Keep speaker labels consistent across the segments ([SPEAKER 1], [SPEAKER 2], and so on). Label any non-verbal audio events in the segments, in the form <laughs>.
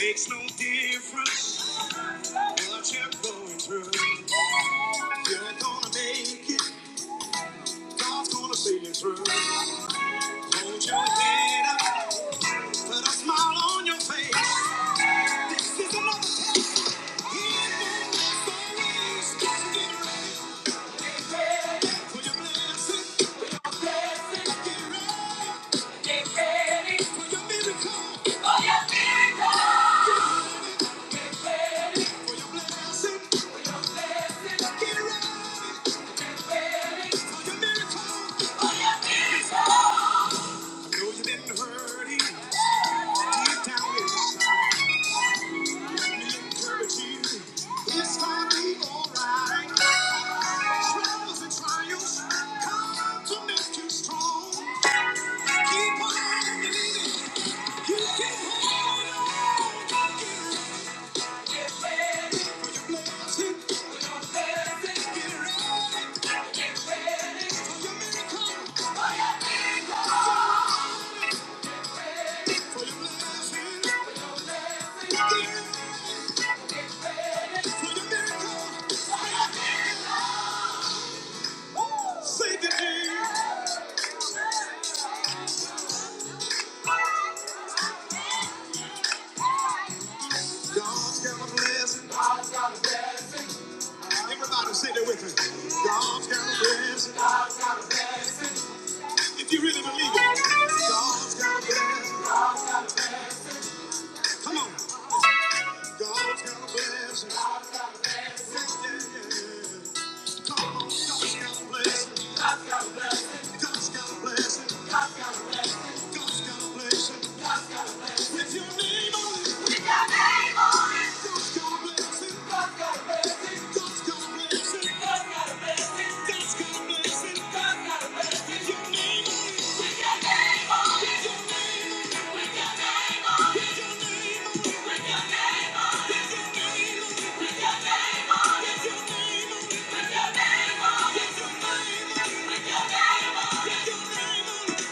[SPEAKER 1] Makes no difference what you're going through. You're gonna make it. God's gonna see you through. Hold your head up. Put a smile on your face. This is another test. He won't stop. Get ready for your blessing. Get ready for your miracle. For your miracle. For your blessing. Get ready for your miracle. I know you've been hurting deep down inside. It's gonna be alright. Troubles and trials come to make you strong. Keep on believing you can hold on. For your blessing, for your miracle, say to Jesus, God's got a blessing. Everybody sit there with me. God's got a blessing. If you really believe it, God's got a blessing. Come on. God's got a blessing. Yeah, yeah, yeah. Come on. God's got a blessing. God's got a blessing. God's got a blessing. With your name on it. God's got a blessing. God's got a blessing. God's got a blessing. With your name, your name on it.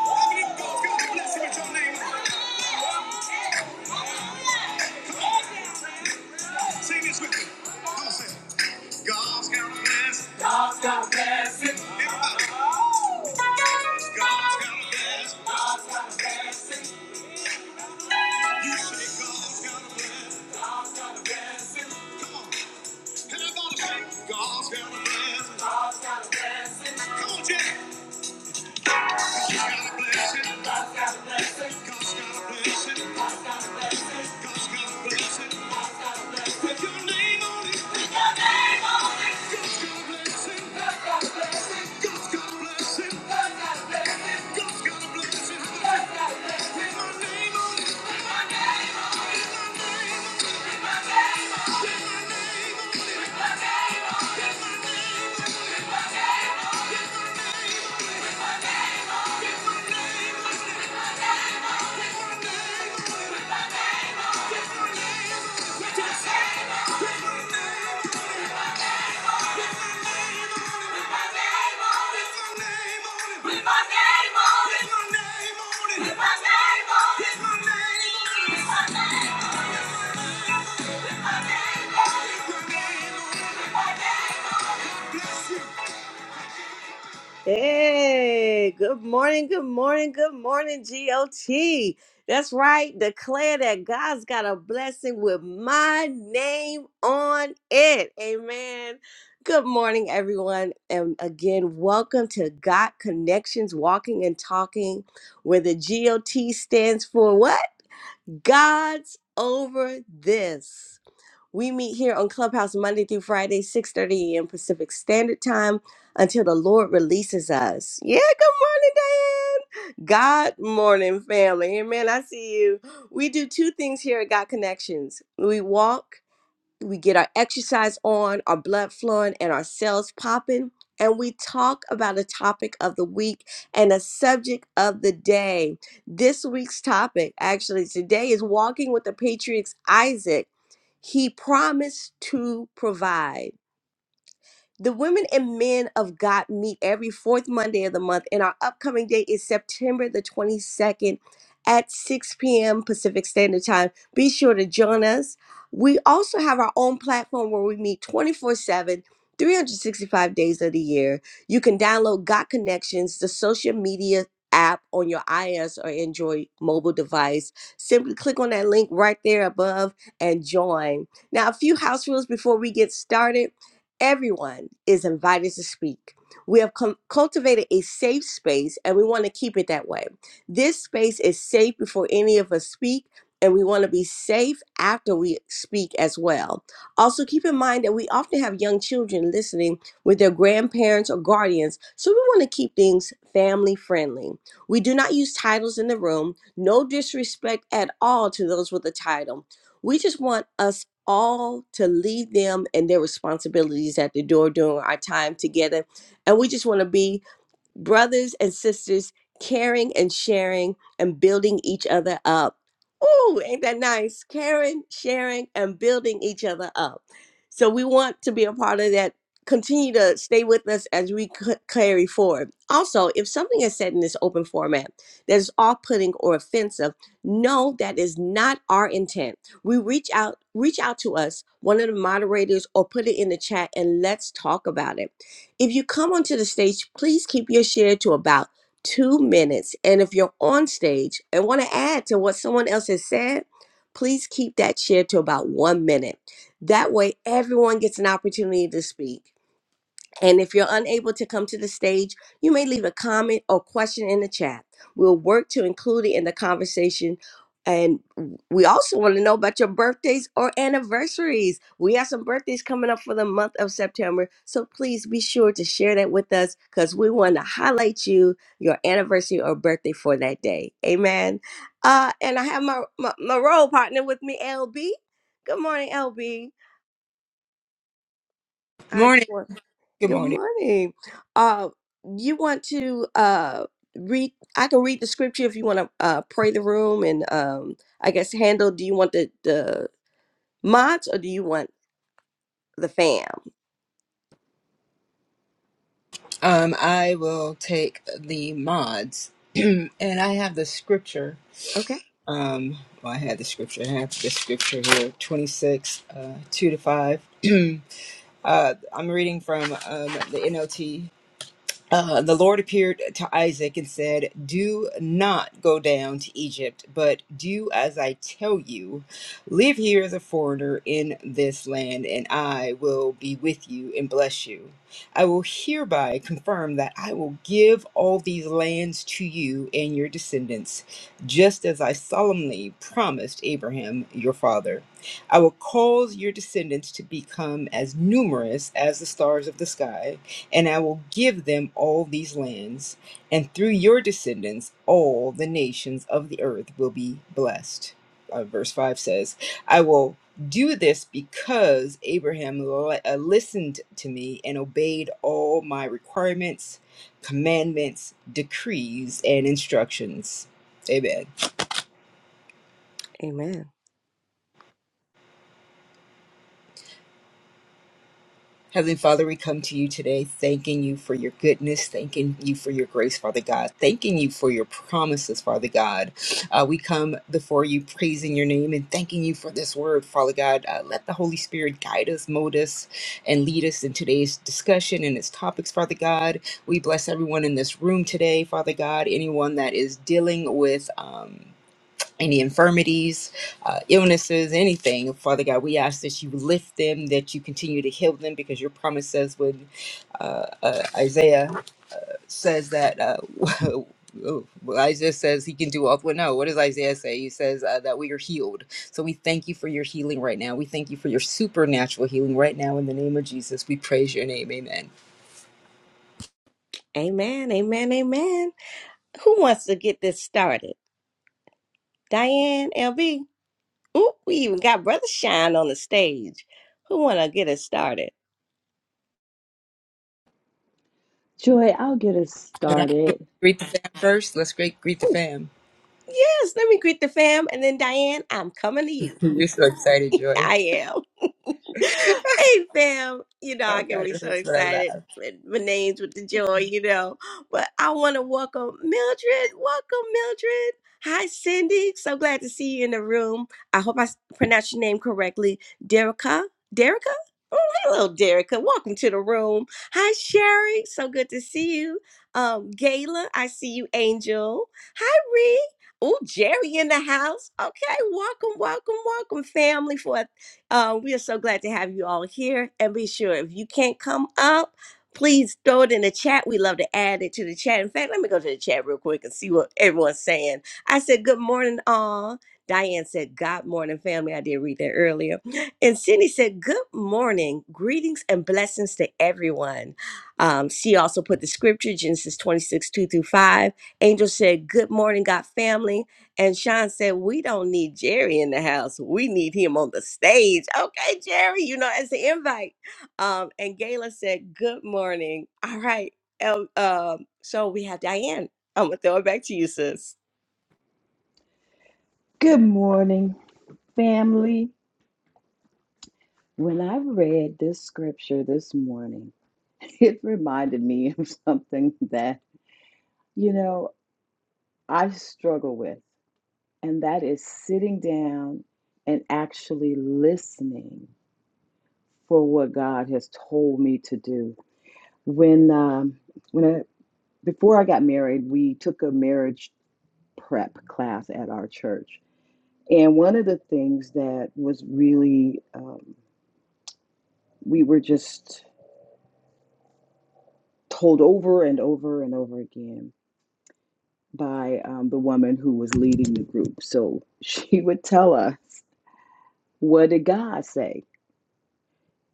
[SPEAKER 1] God's got a blessing with your name on it. Say this with me. Come on, say God's got a blessing. God's got a blessing. Everybody. God's got a blessing. God's got a blessing. You say God's got a blessing. God's got a blessing. Come on. Everybody say God's got a blessing. God's got a blessing. Come on, Jack. God's got a blessing. God's got a blessing. God's got a blessing. God's got a blessing. God's got a blessing. Put your name on it. got a blessing. God's got a blessing. God's got a blessing. Hey, good morning, good morning, good morning, GOT. That's right. Declare that God's got a blessing with my name on it. Amen. Good morning, everyone. And again, welcome to God Connections Walking and Talking, where the GOT stands for what? God's over this. We meet here on Clubhouse Monday through Friday, 6:30 a.m. Pacific Standard Time until the Lord releases us. Yeah, good morning, Diane. God morning, family. Amen. I see you. We do two things here at God Connections. We walk we get our exercise on, our blood flowing, and our cells popping. And we talk about a topic of the week and a subject of the day. This week's topic, actually, today is walking with the Patriots, Isaac. He promised to provide. The women and men of God meet every fourth Monday of the month, and our upcoming date is September the 22nd at 6 p.m. Pacific Standard Time. Be sure to join us. We also have our own platform where we meet twenty-four-seven, three hundred sixty-five days of the year. You can download God Connections, the social media app on your iOS or Android mobile device. Simply click on that link right there above and join. Now, a few house rules before we get started. Everyone is invited to speak. We have com- cultivated a safe space and we want to keep it that way. This space is safe before any of us speak, and we want to be safe after we speak as well. Also, keep in mind that we often have young children listening with their grandparents or guardians, so we want to keep things family friendly. We do not use titles in the room, no disrespect at all to those with a title. We just want us all to leave them and their responsibilities at the door during our time together. And we just want to be brothers and sisters caring and sharing and building each other up. Ooh, ain't that nice? Caring, sharing, and building each other up. So we want to be a part of that. Continue to stay with us as we c- carry forward. Also, if something is said in this open format that is off putting or offensive, no, that is not our intent. We reach out, reach out to us, one of the moderators, or put it in the chat and let's talk about it if you come onto the stage, please keep your share to about two minutes. And if you're on stage and want to add to what someone else has said, please keep that share to about one minute. That way, everyone gets an opportunity to speak. And if you're unable to come to the stage, you may leave a comment or question in the chat. We'll work to include it in the conversation. And we also want to know about your birthdays or anniversaries. We have some birthdays coming up for the month of September. So please be sure to share that with us because we want to highlight you, your anniversary or birthday for that day. Amen. Uh, and I have my, my, my role partner with me, LB. Good morning, LB. I
[SPEAKER 2] Morning.
[SPEAKER 1] do.
[SPEAKER 2] Good
[SPEAKER 1] Good
[SPEAKER 2] morning.
[SPEAKER 1] morning. Uh, you want to uh, read? I can read the scripture if you want to uh, pray the room and um, I guess handle. Do you want the the mods or do you want the fam?
[SPEAKER 2] Um, I will take the mods, <clears throat> and I have the scripture.
[SPEAKER 1] Okay.
[SPEAKER 2] Um, well, I had the scripture. I have the scripture here, twenty-six, uh, two to five. <clears throat> uh, I'm reading from um, the NLT Uh, the Lord appeared to Isaac and said, Do not go down to Egypt, but do as I tell you. Live here as a foreigner in this land, and I will be with you and bless you. I will hereby confirm that I will give all these lands to you and your descendants, just as I solemnly promised Abraham your father. I will cause your descendants to become as numerous as the stars of the sky and I will give them all these lands, and through your descendants all the nations of the earth will be blessed. Uh, verse 5 says, I will do this because Abraham li- uh, listened to me and obeyed all my requirements, commandments, decrees, and instructions. Amen.
[SPEAKER 1] Amen.
[SPEAKER 2] Heavenly Father, we come to you today thanking you for your goodness, thanking you for your grace, Father God, thanking you for your promises, Father God. Uh, we come before you praising your name and thanking you for this word, Father God. Uh, let the Holy Spirit guide us, mold us, and lead us in today's discussion and its topics, Father God. We bless everyone in this room today, Father God, anyone that is dealing with. Um, any infirmities, uh, illnesses, anything. Father God, we ask that you lift them, that you continue to heal them, because your promise says when uh, uh, Isaiah says that. Uh, <laughs> Well, Isaiah says he can do all. Well, no, what does Isaiah say? He says uh, that we are healed. So we thank you for your healing right now. We thank you for your supernatural healing right now. In the name of Jesus, we praise your name. Amen.
[SPEAKER 1] Amen. Amen. Amen. Who wants to get this started? Diane, LB. Ooh, we even got Brother Shine on the stage. Who want to get us started?
[SPEAKER 3] Joy, I'll get us started.
[SPEAKER 2] Greet the fam first. Let's greet greet the
[SPEAKER 1] Oh,
[SPEAKER 2] fam.
[SPEAKER 1] yes, let me greet the fam. And then, Diane, I'm coming to you.
[SPEAKER 2] <laughs> You're so excited,
[SPEAKER 1] <laughs>
[SPEAKER 2] Joy.
[SPEAKER 1] I am. <laughs>
[SPEAKER 2] <laughs>
[SPEAKER 1] hey, fam. You know,
[SPEAKER 2] Oh
[SPEAKER 1] I can
[SPEAKER 2] God,
[SPEAKER 1] be
[SPEAKER 2] it
[SPEAKER 1] so
[SPEAKER 2] hurts when I
[SPEAKER 1] excited.
[SPEAKER 2] laugh.
[SPEAKER 1] with My name's with the joy, you know. But I want to welcome Mildred. Welcome, Mildred. Hi, Cindy. So glad to see you in the room. I hope I s- pronounced your name correctly. Derica? Derica? Oh, hello, Derica. Welcome to the room. Hi, Sherry. So good to see you. Um, Gayla, I see you, Angel. Hi, Ree. Oh, Jerry in the house. Okay, welcome, welcome, welcome, family, for a uh, we are so glad to have you all here. And be sure if you can't come up, please throw it in the chat. We love to add it to the chat. In fact, let me go to the chat real quick and see what everyone's saying. I said, Good morning, all. Diane said, God morning, family. I did read that earlier. And Cindy said, Good morning. Greetings and blessings to everyone. Um, she also put the scripture, Genesis 26, 2 through 5. Angel said, Good morning, God family. And Sean said, We don't need Jerry in the house. We need him on the stage. Okay, Jerry, you know, as an invite. Um, and Gayla said, Good morning. All right. Um, um, so we have Diane. I'm going to throw it back to you, sis.
[SPEAKER 3] Good morning, family. When I read this scripture this morning, <laughs> it reminded me of something that, you know, I struggle with, and that is sitting down and actually listening for what God has told me to do. When, um, when I, before I got married, we took a marriage prep class at our church And one of the things that was really, um, we were just told over and over and over again by um, the woman who was leading the group. So <laughs> she would tell us, What did God say?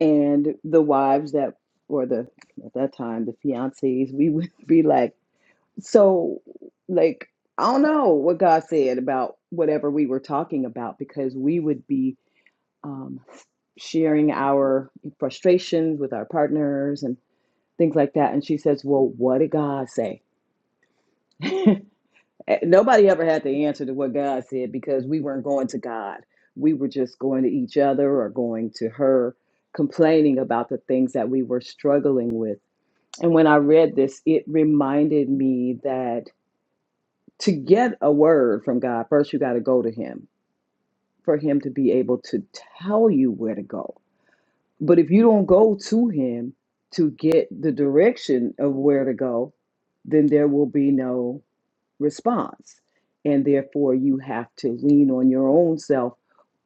[SPEAKER 3] And the wives that, or the, at that time, the fiancés, we would <laughs> be like, So, like, I don't know what God said about whatever we were talking about because we would be um, sharing our frustrations with our partners and things like that. And she says, Well, what did God say? <laughs> Nobody ever had the answer to what God said because we weren't going to God. We were just going to each other or going to her, complaining about the things that we were struggling with. And when I read this, it reminded me that to get a word from God, first you got to go to Him for Him to be able to tell you where to go But if you don't go to him to get the direction of where to go, then there will be no response. And therefore, you have to lean on your own self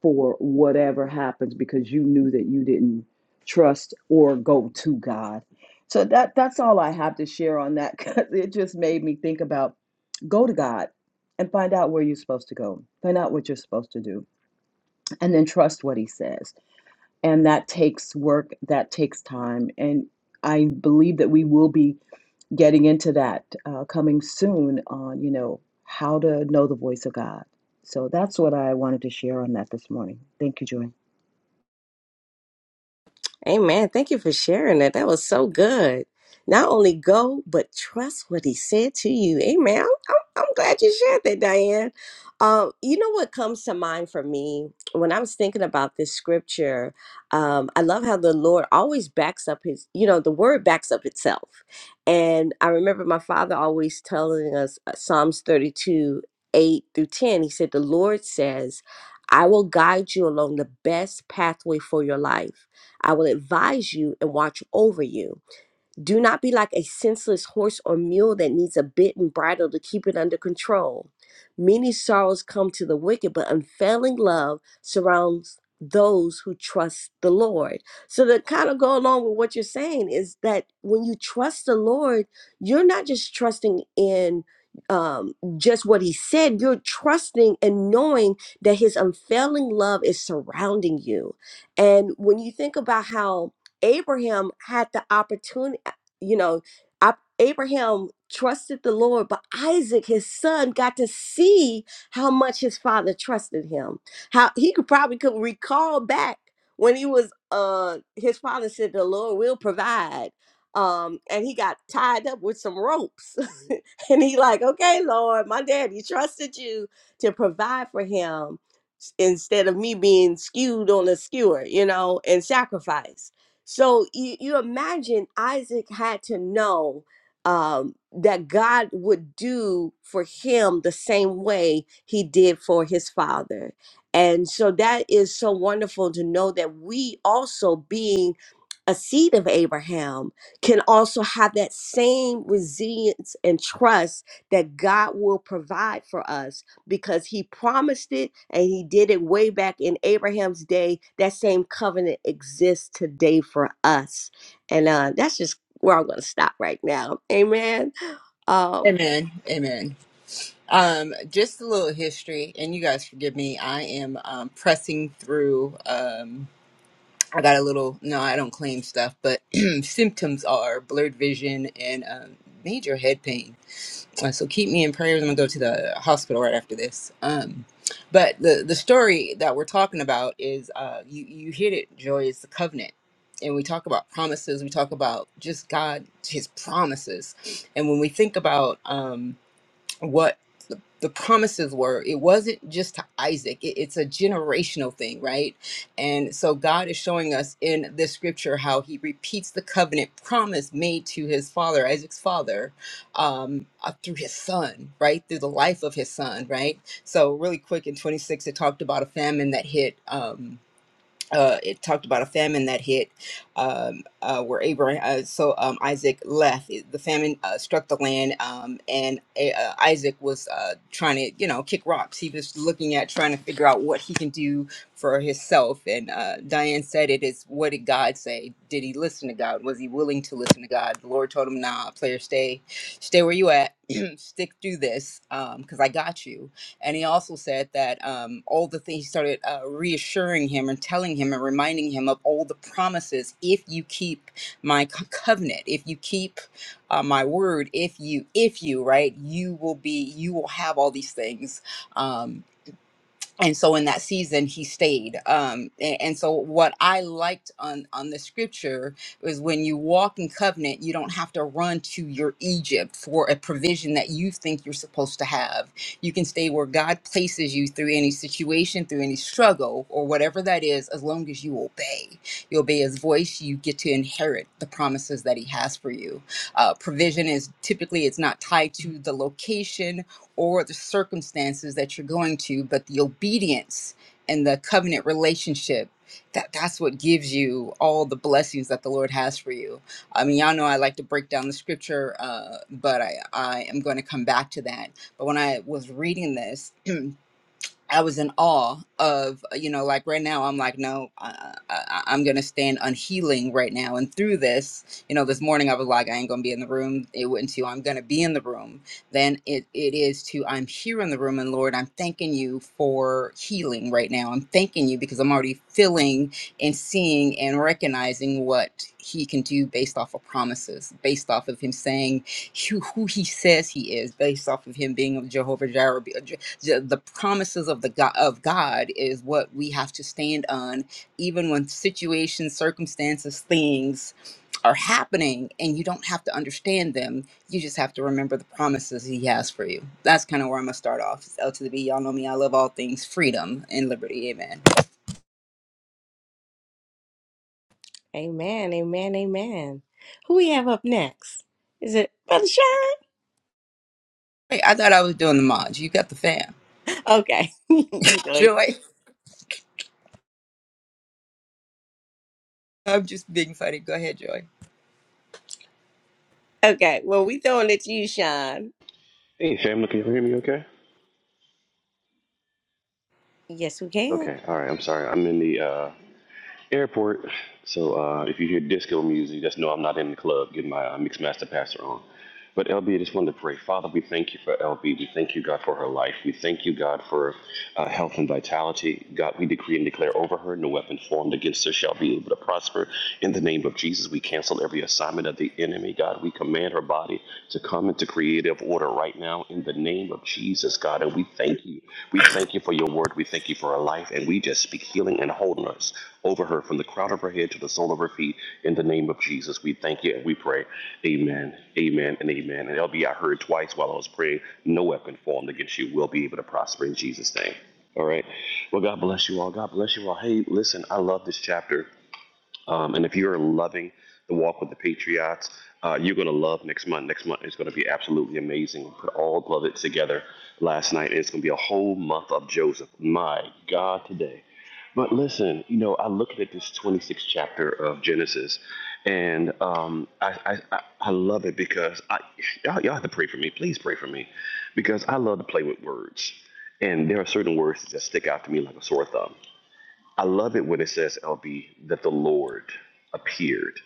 [SPEAKER 3] for whatever happens because you knew that you didn't trust or go to God. So that that's all I have to share on that because it just made me think about go to God and find out where you're supposed to go. Find out what you're supposed to do and then trust what he says and that takes work that takes time and i believe that we will be getting into that uh, coming soon on you know how to know the voice of god so that's what i wanted to share on that this morning thank you joy
[SPEAKER 1] Amen. Thank you for sharing that. That was so good. Not only go, but trust what he said to you. Amen. I'm, I'm, I'm glad you shared that, Diane. Um, you know what comes to mind for me when I was thinking about this scripture? Um, I love how the Lord always backs up his, you know, the word backs up itself. And I remember my father always telling us uh, Psalms 32 8 through 10. He said, The Lord says, I will guide you along the best pathway for your life. I will advise you and watch over you. Do not be like a senseless horse or mule that needs a bit and bridle to keep it under control. Many sorrows come to the wicked, but unfailing love surrounds those who trust the Lord. So, to kind of go along with what you're saying is that when you trust the Lord, you're not just trusting in um, just what He said, you're trusting and knowing that His unfailing love is surrounding you. And when you think about how Abraham had the opportunity you know, I, Abraham trusted the Lord, but Isaac, his son, got to see how much his father trusted him. How he could probably could recall back when he was uh his father said the Lord will provide. Um, and he got tied up with some ropes <laughs> And he like, okay, Lord, my daddy trusted you to provide for him s- instead of me being skewed on a skewer, you know, and sacrifice. So you, you imagine Isaac had to know um, that God would do for him the same way he did for his father. And so that is so wonderful to know that we also being a seed of Abraham can also have that same resilience and trust that God will provide for us because he promised it and he did it way back in Abraham's day. That same covenant exists today for us. And uh, that's just where I'm going to stop right now. Amen. Um,
[SPEAKER 2] Amen. Amen. Um, just a little history, and you guys forgive me. I am um, pressing through. Um, I got a little. No, I don't claim stuff, but <clears throat> symptoms are blurred vision and um, major head pain. Uh, so keep me in prayers. I'm gonna go to the hospital right after this. Um, but the the story that we're talking about is uh, you you hit it, Joy. It's the covenant. And we talk about promises. We talk about just God, His promises. And when we think about um, what the promises were. It wasn't just to Isaac, it- it's a generational thing, right? And so God is showing us in this scripture how he repeats the covenant promise made to his father, Isaac's father, um, uh, through his son, right? Through the life of his son, right? So, really quick in 26, it talked about a famine that hit. Um, uh, it talked about a famine that hit um, uh, where Abraham, uh, so um, Isaac left. It- The famine uh, struck the land, um, and uh, uh, Isaac was uh, trying to, you know, kick rocks. He was looking at trying to figure out what he can do for himself. And uh, Diane said, "It is what did God say? Did he listen to God? Was he willing to listen to God?" The Lord told him, "Nah, player, stay, stay where you at. <clears throat> Stick through this, because I got you." And he also said that um, all the things he started uh, reassuring him and telling him and reminding him of all the promises. If you keep my co- covenant, if you keep uh, my word, if you, if you, right, you will be, you will have all these things. Um, and so in that season he stayed um a- and, so what i liked on on the scripture was when you walk in covenant you don't have to run to your egypt for a provision that you think you're supposed to have you can stay where god places you through any situation through any struggle or whatever that is as long as you obey you obey his voice you get to inherit the promises that he has for you uh, provision is typically it's not tied to the location or the circumstances that you're going to, but the obedience and the covenant relationship that that's what gives you all the blessings that the Lord has for you. I mean, y'all know I like to break down the scripture, uh, but I, I am going to come back to that. But when I was reading this, I was in awe of, uh, you know, like right now, I'm like, no, I, I, I'm going to stand unhealing right now. And through this, you know, this morning I was like, I ain't going to be in the room. It went to, I'm going to be in the room. Then it, it is to, I'm here in the room. And Lord, I'm thanking you for healing right now. I'm thanking you because I'm already feeling and seeing and recognizing what he can do based off of promises, based off of him saying who, who he says he is, based off of him being Jehovah Jireh, ju- the promises of the God, of God is what we have to stand on, even when situations, circumstances, things are happening, and you don't have to understand them. You just have to remember the promises He has for you. That's kind of where I'm gonna start off. It's L to the B. Y'all know me. I love all things freedom and liberty. Amen.
[SPEAKER 1] Amen, amen, amen. Who we have up next? Is it Brother Sean?
[SPEAKER 2] Hey, I thought I was doing the mods. You got the fam,
[SPEAKER 1] Okay. <laughs> you know it.
[SPEAKER 2] Joy. <laughs> I'm just being funny. Go ahead, Joy.
[SPEAKER 1] okay. Well, we throwing it to you, Sean.
[SPEAKER 4] Hey, Sham, can you hear me okay?
[SPEAKER 1] Yes, we can.
[SPEAKER 4] Okay, all right, I'm sorry. I'm in the uh, airport. So uh, if you hear disco music, just know I'm not in the club. getting my uh, mixed master passer on. But LB, I just wanted to pray. Father, we thank you for LB. We thank you, God, for her life. We thank you, God, for uh, health and vitality. God, we decree and declare over her no weapon formed against her shall be able to prosper. In the name of Jesus, we cancel every assignment of the enemy. God, we command her body to come into creative order right now in the name of Jesus, God. And we thank you. We thank you for your word. We thank you for her life. And we just speak healing and wholeness over her from the crown of her head to the sole of her feet. In the name of Jesus, we thank you and we pray. Amen, amen, and amen. And LB, I heard twice while I was praying, no weapon formed against you will be able to prosper in Jesus' name. All right. Well, God bless you all. God bless you all. Hey, listen, I love this chapter. Um, and if you are loving the walk with the Patriots, uh, you're going to love next month. Next month is going to be absolutely amazing. We put all of it together last night, and it's going to be a whole month of Joseph. My God, today. But listen, you know, I looked at this 26th chapter of Genesis, and um, I, I, I love it because I, y'all, y'all have to pray for me. Please pray for me because I love to play with words. And there are certain words that just stick out to me like a sore thumb. I love it when it says, LB, that the Lord appeared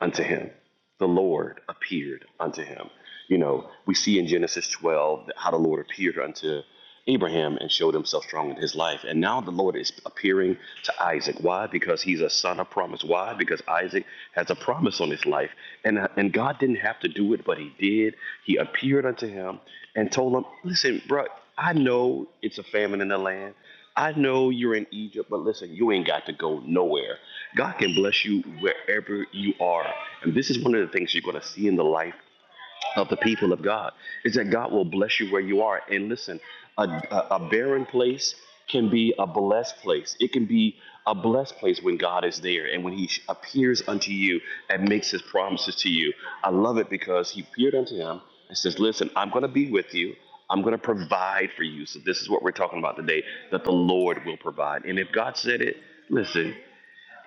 [SPEAKER 4] unto him. The Lord appeared unto him. You know, we see in Genesis 12 how the Lord appeared unto Abraham and showed himself strong in his life. And now the Lord is appearing to Isaac. Why? Because he's a son of promise. Why? Because Isaac has a promise on his life. And, uh, and God didn't have to do it, but he did. He appeared unto him and told him, Listen, bro, I know it's a famine in the land. I know you're in Egypt, but listen, you ain't got to go nowhere. God can bless you wherever you are. And this is one of the things you're going to see in the life of the people of God is that God will bless you where you are. And listen, a, a, a barren place can be a blessed place. It can be a blessed place when God is there and when He appears unto you and makes His promises to you. I love it because He appeared unto him and says, Listen, I'm going to be with you. I'm going to provide for you. So, this is what we're talking about today that the Lord will provide. And if God said it, listen,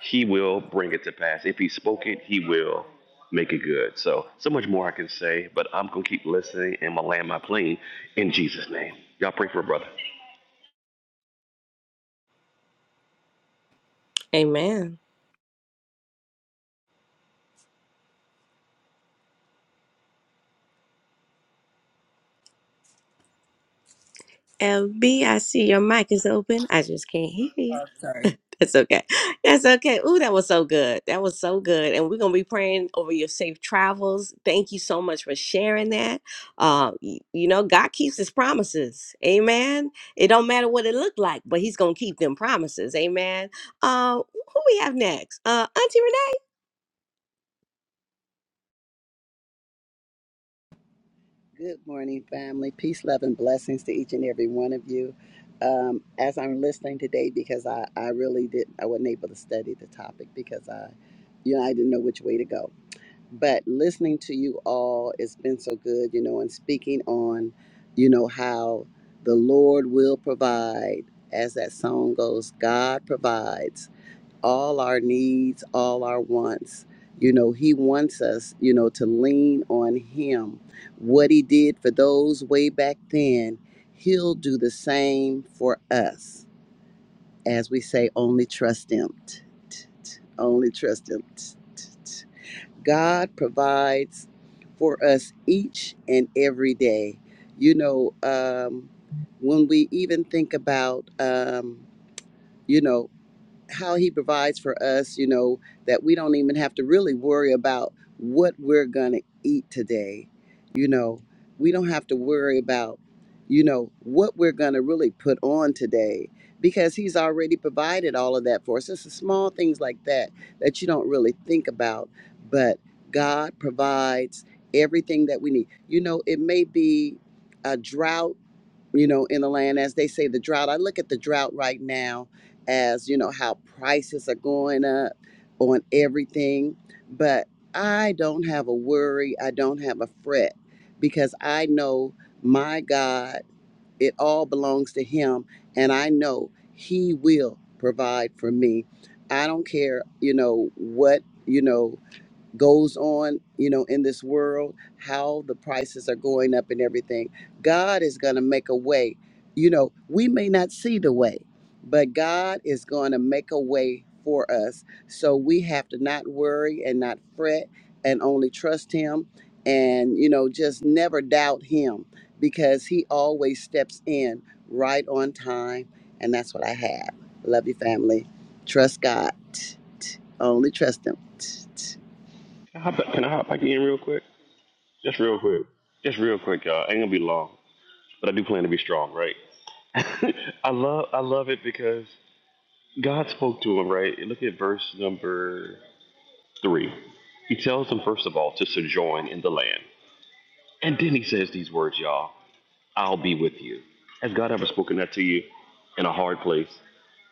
[SPEAKER 4] he will bring it to pass. If he spoke it, he will make it good. So, so much more I can say, but I'm going to keep listening and I'm going to land my plane in Jesus' name. Y'all pray for a brother.
[SPEAKER 1] Amen. LB, I see your mic is open. I just can't hear you.
[SPEAKER 2] Oh, sorry.
[SPEAKER 1] That's okay. <laughs> That's okay. Ooh, that was so good. That was so good. And we're gonna be praying over your safe travels. Thank you so much for sharing that. Uh, y- you know, God keeps His promises. Amen. It don't matter what it looked like, but He's gonna keep them promises. Amen. Uh, who we have next? Uh, Auntie Renee.
[SPEAKER 5] Good morning, family. Peace, love, and blessings to each and every one of you. Um, as I'm listening today, because I, I really didn't, I wasn't able to study the topic because I, you know, I didn't know which way to go. But listening to you all, it's been so good, you know, and speaking on, you know, how the Lord will provide, as that song goes, God provides all our needs, all our wants. You know, he wants us, you know, to lean on him. What he did for those way back then, he'll do the same for us. As we say, only trust him. T- t- t- Only trust him. T- t- t. God provides for us each and every day. You know, um, when we even think about, um, you know, how he provides for us, you know, that we don't even have to really worry about what we're going to eat today. You know, we don't have to worry about, you know, what we're going to really put on today because he's already provided all of that for us. It's the small things like that that you don't really think about, but God provides everything that we need. You know, it may be a drought you know, in the land. As they say, the drought, I look at the drought right now as, you know, how prices are going up on everything. But I don't have a worry, I don't have a fret because I know my God, it all belongs to Him, and I know He will provide for me. I don't care, you know, what, you know goes on, you know, in this world, how the prices are going up and everything. God is going to make a way. You know, we may not see the way, but God is going to make a way for us. So we have to not worry and not fret and only trust Him and, you know, just never doubt Him because He always steps in right on time. And that's what I have. Love you, family. Trust God. Only trust Him.
[SPEAKER 4] Can I hop back, can I hop back in real quick? Just real quick. Just real quick, y'all. Ain't going to be long, but I do plan to be strong, right? <laughs> I love I love it because God spoke to him, right? Look at verse number three. He tells them first of all to sojourn in the land. And then he says these words, y'all. I'll be with you. Has God ever spoken that to you in a hard place,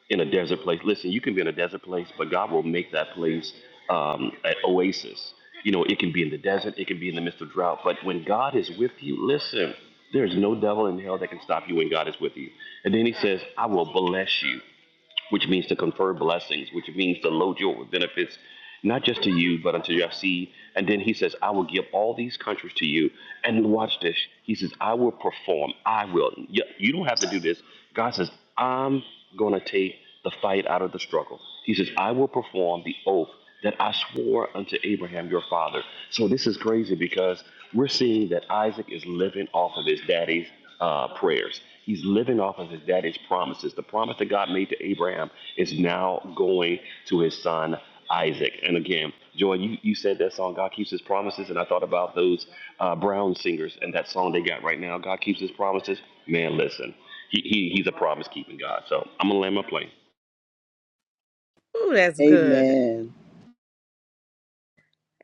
[SPEAKER 4] in a desert place? Listen, you can be in a desert place, but God will make that place um, an oasis. You know, it can be in the desert, it can be in the midst of drought, but when God is with you, listen, there's no devil in hell that can stop you when God is with you. And then he says, I will bless you which means to confer blessings, which means to load you up with benefits, not just to you, but unto your seed. And then he says, I will give all these countries to you. And watch this. He says, I will perform. I will. You you don't have to do this. God says, I'm going to take the fight out of the struggle. He says, I will perform the oath that I swore unto Abraham your father. So this is crazy because we're seeing that Isaac is living off of his daddy's uh, prayers. He's living off of his daddy's promises. The promise that God made to Abraham is now going to his son Isaac. And again, Joy, you, you said that song, God Keeps His Promises, and I thought about those uh, Brown singers and that song they got right now, God Keeps His Promises. Man, listen, he, he, he's a promise keeping God. So I'm going to land my plane.
[SPEAKER 1] Ooh, that's good.
[SPEAKER 5] Amen.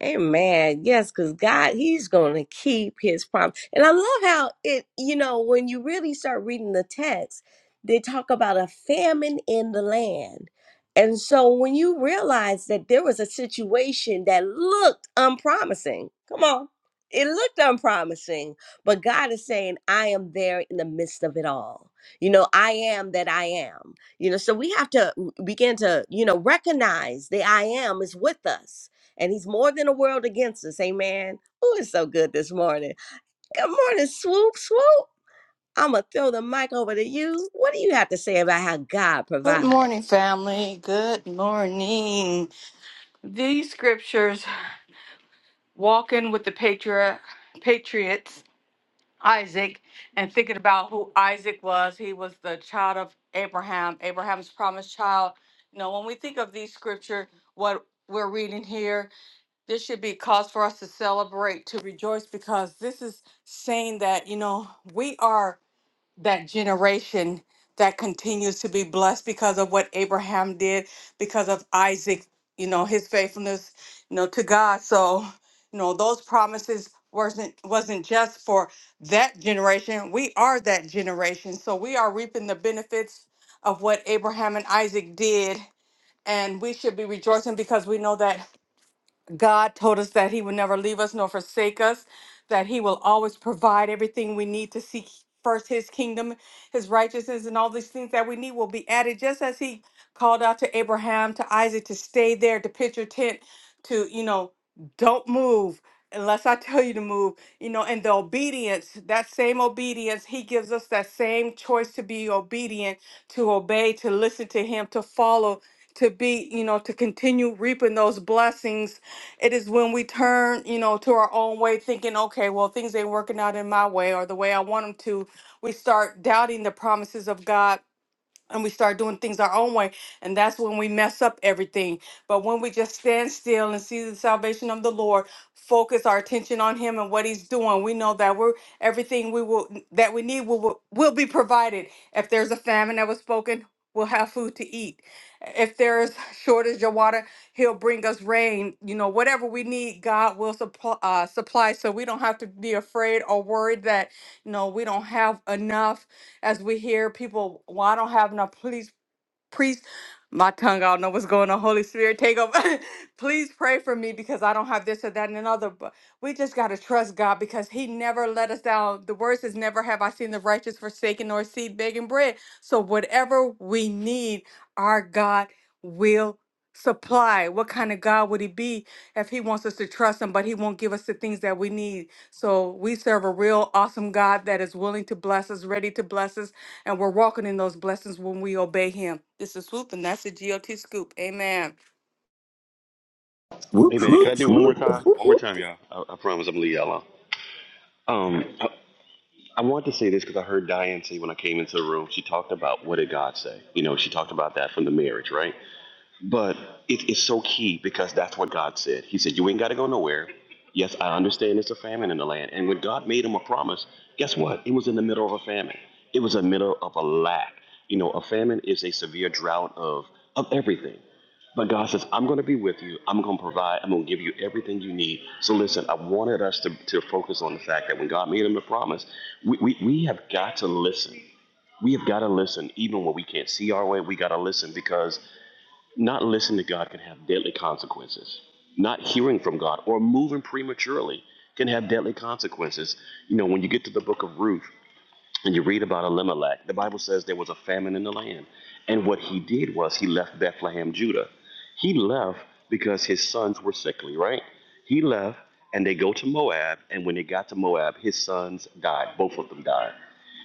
[SPEAKER 1] Amen. Yes, because God, He's going to keep His promise. And I love how it, you know, when you really start reading the text, they talk about a famine in the land. And so when you realize that there was a situation that looked unpromising, come on, it looked unpromising, but God is saying, I am there in the midst of it all. You know, I am that I am. You know, so we have to mm, begin to, you know, recognize the I am is with us and he's more than a world against us. Amen. Oh, it's so good this morning. Good morning, swoop, swoop. I'm going to throw the mic over to you. What do you have to say about how God
[SPEAKER 6] Good morning,
[SPEAKER 1] provides?
[SPEAKER 6] family. Good morning. These scriptures, walking with the patriot, patriots, Isaac, and thinking about who Isaac was. He was the child of Abraham, Abraham's promised child. You know, when we think of these scripture, what we're reading here, this should be cause for us to celebrate, to rejoice, because this is saying that, you know, we are that generation that continues to be blessed because of what Abraham did, because of Isaac, you know, his faithfulness, you know, to God. So, you know, those promises wasn't wasn't just for that generation. We are that generation. So we are reaping the benefits of what Abraham and Isaac did. And we should be rejoicing because we know that God told us that He would never leave us nor forsake us, that He will always provide everything we need to seek first His kingdom, His righteousness, and all these things that we need will be added, just as He called out to Abraham, to Isaac, to stay there, to pitch your tent, to, you know, don't move unless I tell you to move, you know, and the obedience, that same obedience, He gives us that same choice to be obedient, to obey, to listen to Him, to follow. To be, you know, to continue reaping those blessings it is when we turn, you know, to our own way, thinking, okay, well, things ain't working out in my way or the way I want them to. We start doubting the promises of God and we start doing things our own way and that's when we mess up everything but when we just stand still and see the salvation of the lord focus our attention on him and what he's doing we know that we're everything we will that we need will will will be provided if there's a famine that was spoken we'll have food to eat if there's shortage of water he'll bring us rain you know whatever we need god will supply uh, supply so we don't have to be afraid or worried that you know we don't have enough as we hear people, well, I don't have enough police priest. My tongue, I don't know what's going on. Holy Spirit, take over. <laughs> Please pray for me because I don't have this or that and another. But we just gotta trust God because He never let us down. The word says, "Never have I seen the righteous forsaken nor seed begging bread." So whatever we need, our God will supply. What kind of God would He be if He wants us to trust Him, but He won't give us the things that we need? So we serve a real awesome God that is willing to bless us, ready to bless us and we're walking in those blessings when we obey Him. This is Swoop, and that's the GOT Scoop. Amen.
[SPEAKER 4] Hey,
[SPEAKER 7] Whoop,
[SPEAKER 4] man, can I
[SPEAKER 7] whoop,
[SPEAKER 4] do one more
[SPEAKER 7] whoop,
[SPEAKER 4] time? One more time, y'all. I, I promise I'm going to leave y'all alone. Um, I, I want to say this because I heard Diane say when I came into the room, she talked about what did God say? You know, she talked about that from the marriage, right? But it is so key because that's what God said. He said, You ain't got to go nowhere. Yes, I understand it's a famine in the land. And when God made him a promise, guess what? It was in the middle of a famine, it was in the middle of a lack. You know, a famine is a severe drought of, of everything. But God says, I'm going to be with you. I'm going to provide. I'm going to give you everything you need. So listen, I wanted us to, to focus on the fact that when God made him the promise, we, we, we have got to listen. We have got to listen. Even when we can't see our way, we got to listen because not listening to God can have deadly consequences. Not hearing from God or moving prematurely can have deadly consequences. You know, when you get to the book of Ruth and you read about Elimelech, the Bible says there was a famine in the land. And what he did was he left Bethlehem, Judah. He left because his sons were sickly, right? He left and they go to Moab. And when they got to Moab, his sons died. Both of them died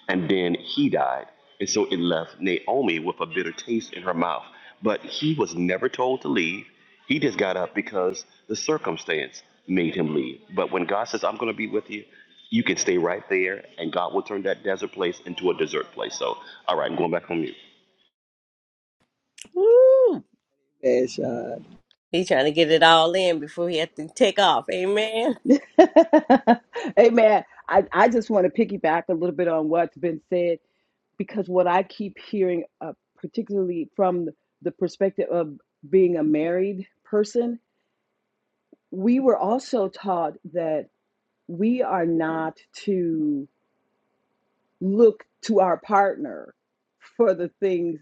[SPEAKER 4] and then he died. And so it left Naomi with a bitter taste in her mouth. But he was never told to leave. He just got up because the circumstance made him leave. But when God says, I'm going to be with you, you can stay right there, and God will turn that desert place into a desert place. So, all right, I'm going back on mute.
[SPEAKER 1] Woo!
[SPEAKER 5] Bad shot.
[SPEAKER 1] He's trying to get it all in before he has to take off. Amen.
[SPEAKER 3] <laughs> Amen. I, I just want to piggyback a little bit on what's been said because what I keep hearing, uh, particularly from the perspective of being a married person, we were also taught that. we are not to look to our partner for the things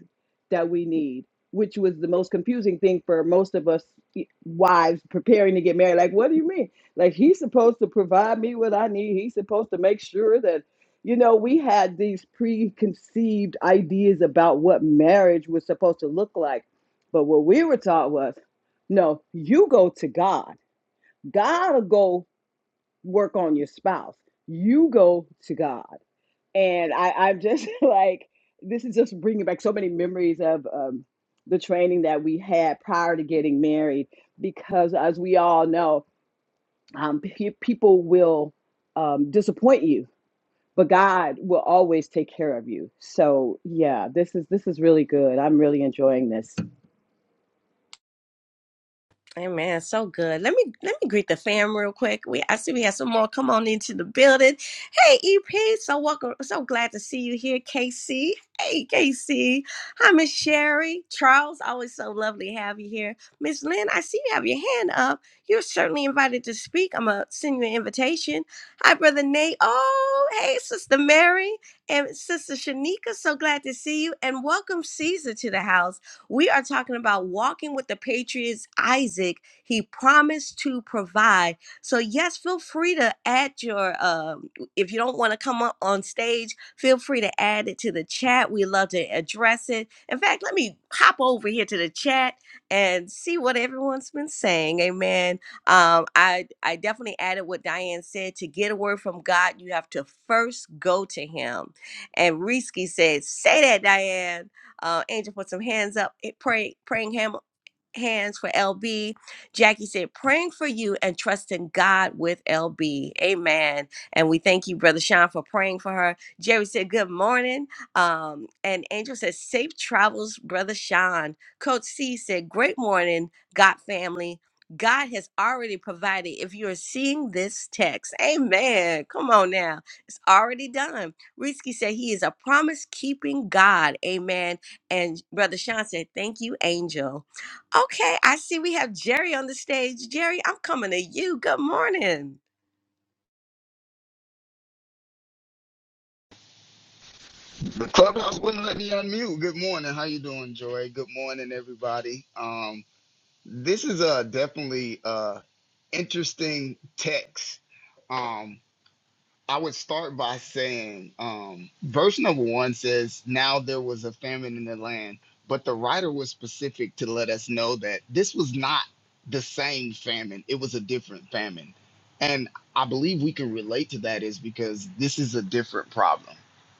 [SPEAKER 3] that we need, which was the most confusing thing for most of us eh, wives preparing to get married. Like, what do you mean? Like, he's supposed to provide me what I need, he's supposed to make sure that. You know, we had these preconceived ideas about what marriage was supposed to look like. But what we were taught was no, you go to God. God will go work on your spouse. You go to God. And I, I'm just <laughs> like, this is just bringing back so many memories of um, the training that we had prior to getting married, because as we all know, um, pe- people will um, disappoint you, but God will always take care of you. So yeah, this is this is really good. I'm really enjoying this.
[SPEAKER 1] Amen. So good. Let me let me greet the fam real quick. We I see we have some more come on into the building. Hey EP, so welcome. So glad to see you here, KC. Hey KC. Hi Miss Sherry. Charles, always so lovely to have you here. Miss Lynn, I see you have your hand up. You're certainly invited to speak. I'm gonna send you an invitation. Hi, brother Nate. Oh, hey, sister Mary and sister Shanika. So glad to see you. And welcome Caesar to the house. We are talking about walking with the Patriots, Isaac. He promised to provide. So, yes, feel free to add your, um, if you don't want to come up on stage, feel free to add it to the chat. We love to address it. In fact, let me hop over here to the chat and see what everyone's been saying. Amen. Um, I, I definitely added what Diane said. To get a word from God, you have to first go to Him. And Risky said, Say that, Diane uh, angel, put some hands up, eh, pray, praying hand, hands for LB. Jackie said, praying for you and trusting God with LB. Amen. And we thank you, Brother Sean, for praying for her. Jerry said, good morning. Um, and Angel says, safe travels, Brother Sean. Coach C said, great morning, God family. God has already provided if you are seeing this text. Amen. Come on now. It's already done. Risky said he is a promise keeping God. Amen. And Brother Sean said, Thank you, Angel. Okay, I see we have Jerry on the stage. Jerry, I'm coming to you. Good morning.
[SPEAKER 8] The clubhouse wouldn't let me unmute. Good morning. How you doing, Joy? Good morning, everybody. Um, this is a definitely uh interesting text. Um, I would start by saying, um, verse number one says, Now there was a famine in the land, but the writer was specific to let us know that this was not the same famine, it was a different famine. And I believe we can relate to that is because this is a different problem.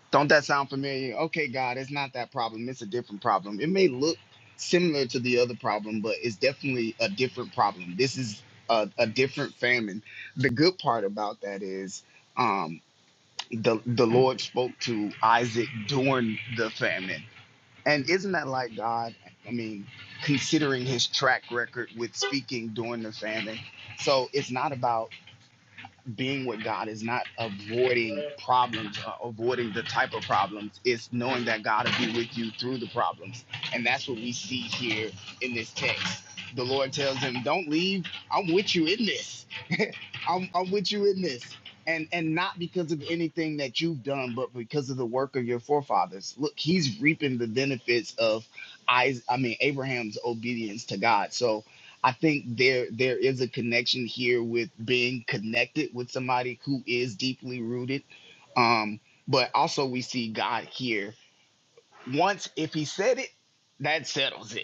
[SPEAKER 8] Don't that sound familiar? Okay, God, it's not that problem, it's a different problem. It may look similar to the other problem, but it's definitely a different problem. This is a, a different famine. The good part about that is um, the the Lord spoke to Isaac during the famine. And isn't that like God? I mean, considering his track record with speaking during the famine. So it's not about being with God, it's not avoiding problems, or avoiding the type of problems. It's knowing that God will be with you through the problems. And that's what we see here in this text. The Lord tells him, Don't leave, I'm with you in this I'm, I'm with you in this. And and not because of anything that you've done, but because of the work of your forefathers. Look, he's reaping the benefits of I I mean Abraham's obedience to God. So I think there there is a connection here with being connected with somebody who is deeply rooted. Um, but also we see God here. Once if he said it, that settles it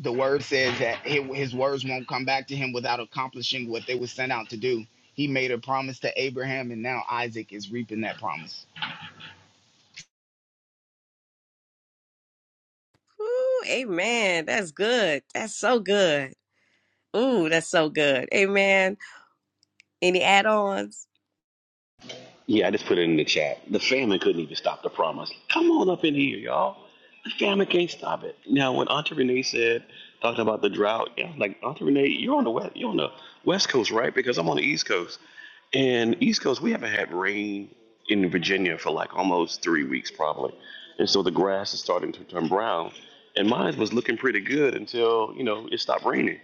[SPEAKER 8] the word says that his words won't come back to him without accomplishing what they were sent out to do. He made a promise to Abraham, and now Isaac is reaping that promise.
[SPEAKER 1] Ooh, amen. That's good. That's so good. Ooh, that's so good. Amen. Any add-ons?
[SPEAKER 4] Yeah, I just put it in the chat. The famine couldn't even stop the promise. Come on up in here, y'all. The famine can't stop it. Now, when Auntie Renee said, talking about the drought, yeah, like Auntie Renee, you're on the west, you're on the west coast, right? Because I'm on the east coast, and east coast we haven't had rain in Virginia for like almost three weeks probably, and so the grass is starting to turn brown. And mine was looking pretty good until you know it stopped raining.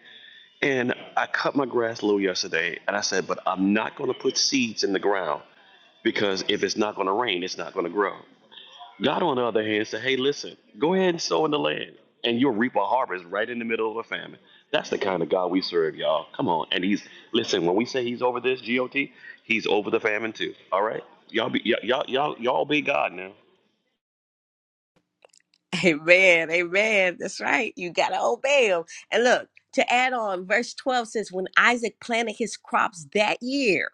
[SPEAKER 4] And I cut my grass low yesterday, and I said, but I'm not going to put seeds in the ground because if it's not going to rain, it's not going to grow. God, on the other hand, said, hey, listen, go ahead and sow in the land, and you'll reap a harvest right in the middle of a famine. That's the kind of God we serve, y'all. Come on. And he's, listen, when we say he's over this, GOT, he's over the famine too. All right? Y'all be, y'all, y'all, y'all be God now.
[SPEAKER 1] <laughs> Amen. Amen. That's right. You gotta obey him. And look, to add on, verse 12 says, When Isaac planted his crops that year.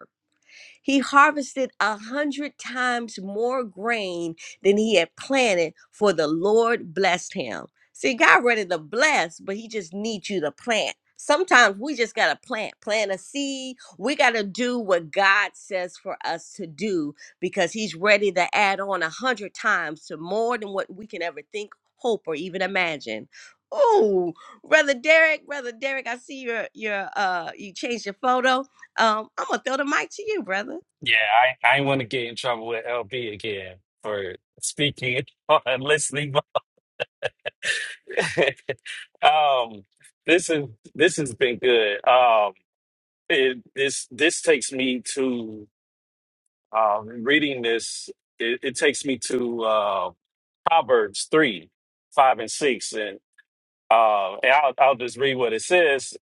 [SPEAKER 1] He harvested a hundred times more grain than he had planted, for the Lord blessed him. See, God ready to bless, but he just needs you to plant. Sometimes we just got to plant, plant a seed. We got to do what God says for us to do because he's ready to add on a hundred times to more than what we can ever think, hope, or even imagine. Oh, brother Derek, brother Derek, I see your your uh you changed your photo. Um, I'm gonna throw the mic to you, brother.
[SPEAKER 9] Yeah, I, I want to get in trouble with LB again for speaking <laughs> and listening. <laughs> um, this is this has been good. Um, it, this this takes me to um, reading this. It, it takes me to uh, Proverbs three, five, and six, and uh, and I'll I'll just read what it says.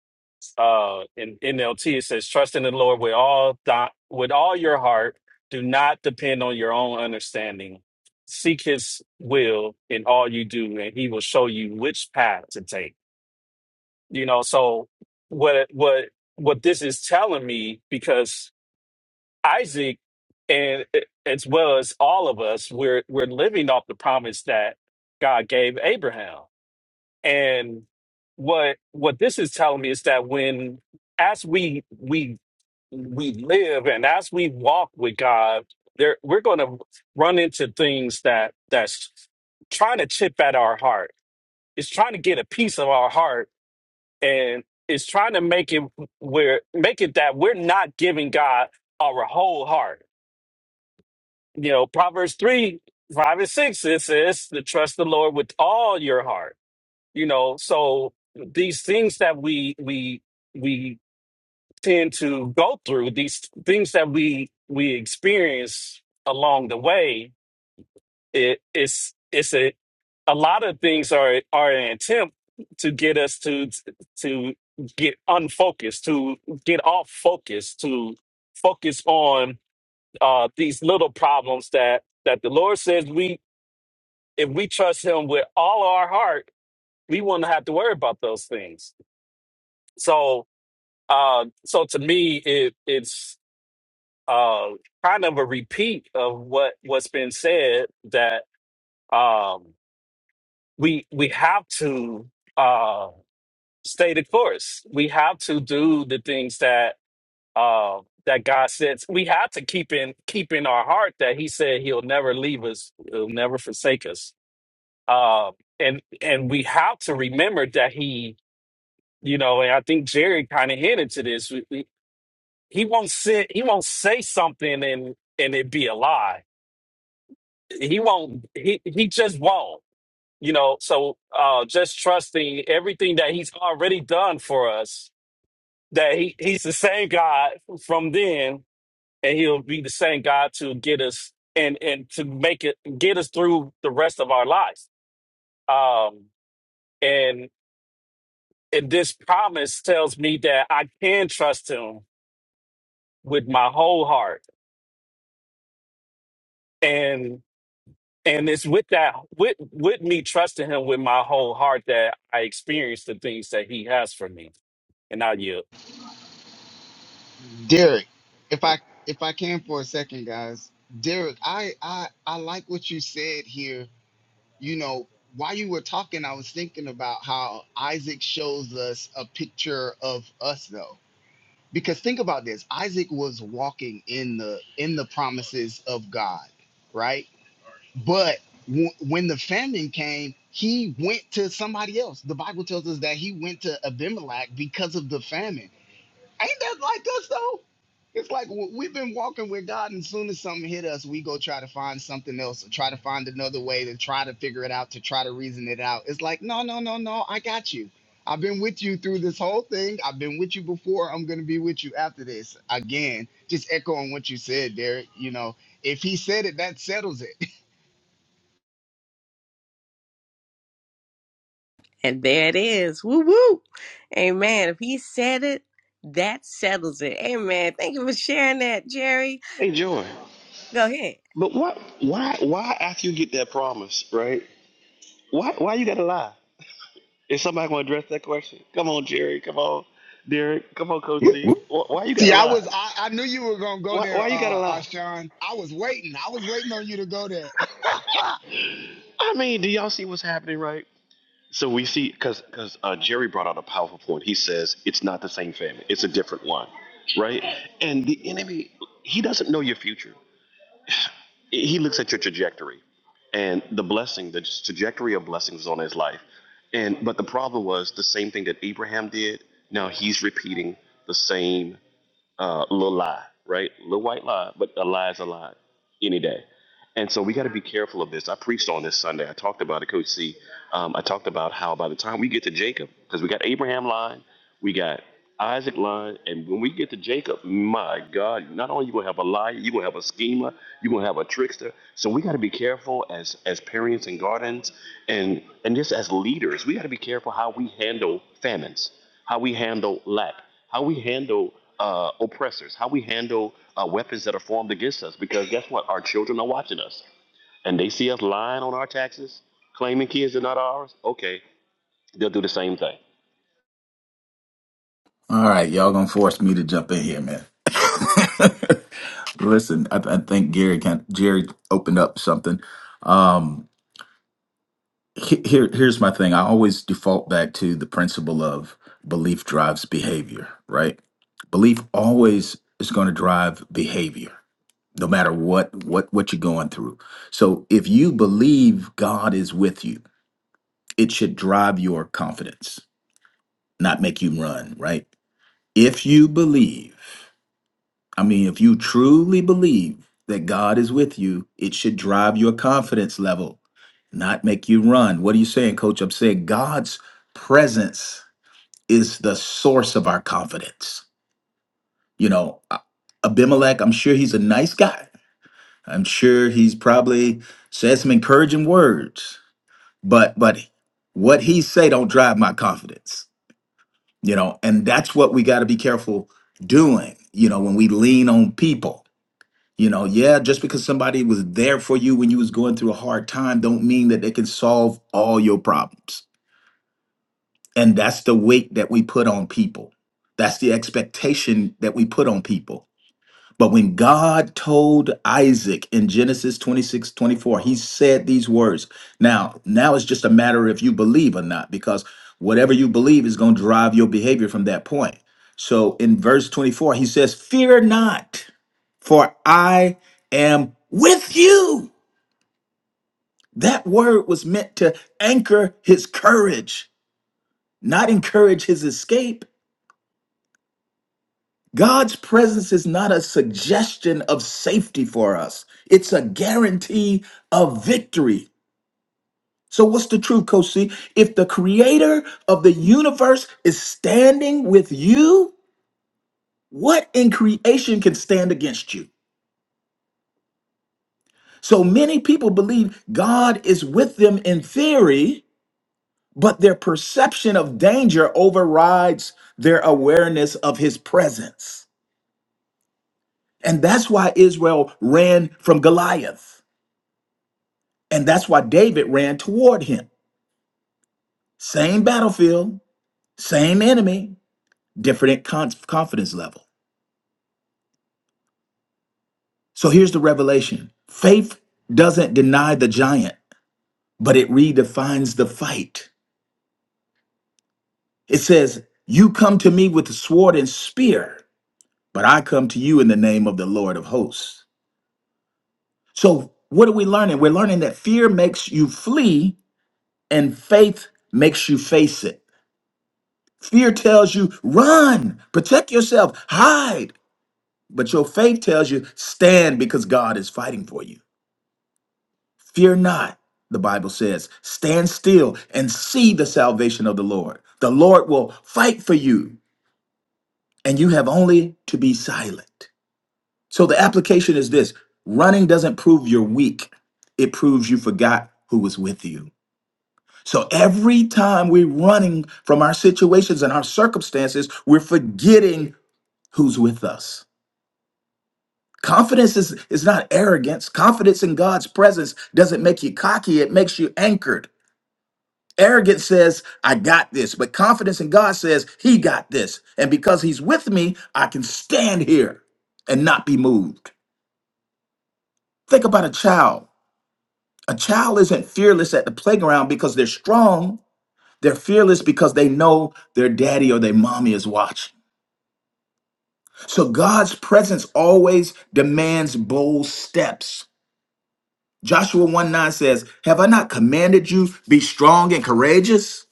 [SPEAKER 9] uh in NLT it says trust in the Lord with all thy, with all your heart do not depend on your own understanding seek his will in all you do and he will show you which path to take you know so what what what this is telling me because Isaac and as well as all of us we're we're living off the promise that God gave Abraham and what what this is telling me is that when as we we we live and as we walk with God, there we're going to run into things that that's trying to chip at our heart. It's trying to get a piece of our heart, and it's trying to make it where make it that we're not giving God our whole heart. You know, Proverbs three five and six it says to trust the Lord with all your heart. You know, so these things that we we we tend to go through these things that we we experience along the way it it's it's a a lot of things are are an attempt to get us to to get unfocused to get off focus to focus on uh these little problems that that the lord says we if we trust him with all our heart we will not have to worry about those things so uh so to me it it's um, kind of a repeat of what what's been said that um, we we have to uh, stay the course. We have to do the things that uh, that God says. We have to keep in keep in our heart that He said He'll never leave us. He'll never forsake us. Uh, and and we have to remember that He, you know, and I think Jerry kind of hinted to this. We, we, he won't sit. He won't say something and and it be a lie he won't he he just won't you know so uh just trusting everything that he's already done for us that he he's the same god from then and he'll be the same god to get us and and to make it get us through the rest of our lives um and and this promise tells me that i can trust him with my whole heart and it's with that with with me trusting him with my whole heart that I experience the things that he has for me. And I yield.
[SPEAKER 8] Derek, if I if I can for a second, guys, Derek, I I I like what you said here. You know, while you were talking, I was thinking about how Isaac shows us a picture of us, though. Because think about this: Isaac was walking in the in the promises of God, right? But w- when the famine came, he went to somebody else. The Bible tells us that he went to Abimelech because of the famine. Ain't that like us though? It's like w- we've been walking with God, and as soon as something hit us, we go try to find something else, or try to find another way to try to figure it out, to try to reason it out. It's like, no, no, no, no, I got you. I've been with you through this whole thing. I've been with you before. I'm going to be with you after this. Again, just echoing what you said, Derek. You know, if he said it, that settles it. <laughs>
[SPEAKER 1] And there it is. Woo woo. Amen. If he said it, that settles it. Amen. Thank you for sharing that, Jerry.
[SPEAKER 4] Hey, Joy.
[SPEAKER 1] Go ahead.
[SPEAKER 4] But what, why, why after you get that promise, right? Why, why you got to lie? Is somebody going to address that question? Come on, Jerry. Come on, Derek. Come on, Coach
[SPEAKER 7] whoop,
[SPEAKER 4] C.
[SPEAKER 7] whoop.
[SPEAKER 4] Why, why you got
[SPEAKER 8] See,
[SPEAKER 4] to
[SPEAKER 8] I
[SPEAKER 4] lie?
[SPEAKER 8] was I, I knew you were gonna go
[SPEAKER 4] Why,
[SPEAKER 8] there,
[SPEAKER 4] why you got to
[SPEAKER 8] uh, uh
[SPEAKER 4] lie?
[SPEAKER 8] Sean. I was waiting. I was waiting on you to go there. <laughs>
[SPEAKER 4] I mean, do y'all see what's happening, right? So we see, because because uh, Jerry brought out a powerful point. He says it's not the same family; it's a different one, right? And the enemy, he doesn't know your future. He looks at your trajectory, and the blessing, the trajectory of blessings was on his life. And but the problem was the same thing that Abraham did. Now he's repeating the same uh, little lie, right? Little white lie, but a lie is a lie any day. And so we got to be careful of this. I preached on this Sunday. I talked about it, Coach C. Um, I talked about how by the time we get to Jacob, because we got Abraham lying, we got Isaac line, and when we get to Jacob, my God, not only you gonna have a liar, you're gonna have a schemer, you're gonna have a trickster. So we gotta be careful as as parents and guardians and and just as leaders, we gotta be careful how we handle famines, how we handle lack, how we handle uh, oppressors, how we handle uh, weapons that are formed against us, because guess what? Our children are watching us and they see us lying on our taxes, claiming kids are not ours. Okay, they'll do the same thing.
[SPEAKER 7] All right, y'all gonna force me to jump in here, man. <laughs> Listen, I, I think Gary can, Jerry opened up something. Um, he- here, here's my thing. I always default back to the principle of belief drives behavior, right? Belief always is going to drive behavior, no matter what what what you're going through. So if you believe God is with you, it should drive your confidence, not make you run, right? If you believe, I mean, if you truly believe that God is with you, it should drive your confidence level, not make you run. What are you saying, coach? I'm saying God's presence is the source of our confidence. You know, A- Abimelech, I'm sure he's a nice guy. I'm sure he's probably said some encouraging words, but but what he say don't drive my confidence. you know and that's what we got to be careful doing you know when we lean on people you know yeah just because somebody was there for you when you was going through a hard time don't mean that they can solve all your problems and that's the weight that we put on people that's the expectation that we put on people but when God told Isaac in Genesis 26:24, he said these words. Now, now it's just a matter if you believe or not, because whatever you believe is going to drive your behavior from that point. So in verse 24, he says, Fear not, for I am with you. That word was meant to anchor his courage, not encourage his escape. God's presence is not a suggestion of safety for us, it's a guarantee of victory. So, what's the truth, Coach C? If the creator of the universe is standing with you, what in creation can stand against you? So many people believe God is with them in theory, but their perception of danger overrides their awareness of his presence. And that's why Israel ran from Goliath. And that's why David ran toward him. Same battlefield, same enemy, different con- confidence level. So here's the revelation faith doesn't deny the giant, but it redefines the fight. It says, You come to me with sword and spear, but I come to you in the name of the Lord of hosts. So what are we learning? We're learning that fear makes you flee and faith makes you face it. Fear tells you, run, protect yourself, hide. But your faith tells you stand because God is fighting for you. Fear not, the Bible says. Stand still and see the salvation of the Lord. The Lord will fight for you, and you have only to be silent. So the application is this running doesn't prove you're weak, it proves you forgot who was with you. So every time we're running from our situations and our circumstances, we're forgetting who's with us. Confidence is, is not arrogance. Confidence in God's presence doesn't make you cocky, it makes you anchored. Arrogance says, I got this, but confidence in God says, He got this. And because He's with me, I can stand here and not be moved. Think about a child. A child isn't fearless at the playground because they're strong, they're fearless because they know their daddy or their mommy is watching. So God's presence always demands bold steps. Joshua 1 9 says, Have I not commanded you, be strong and courageous?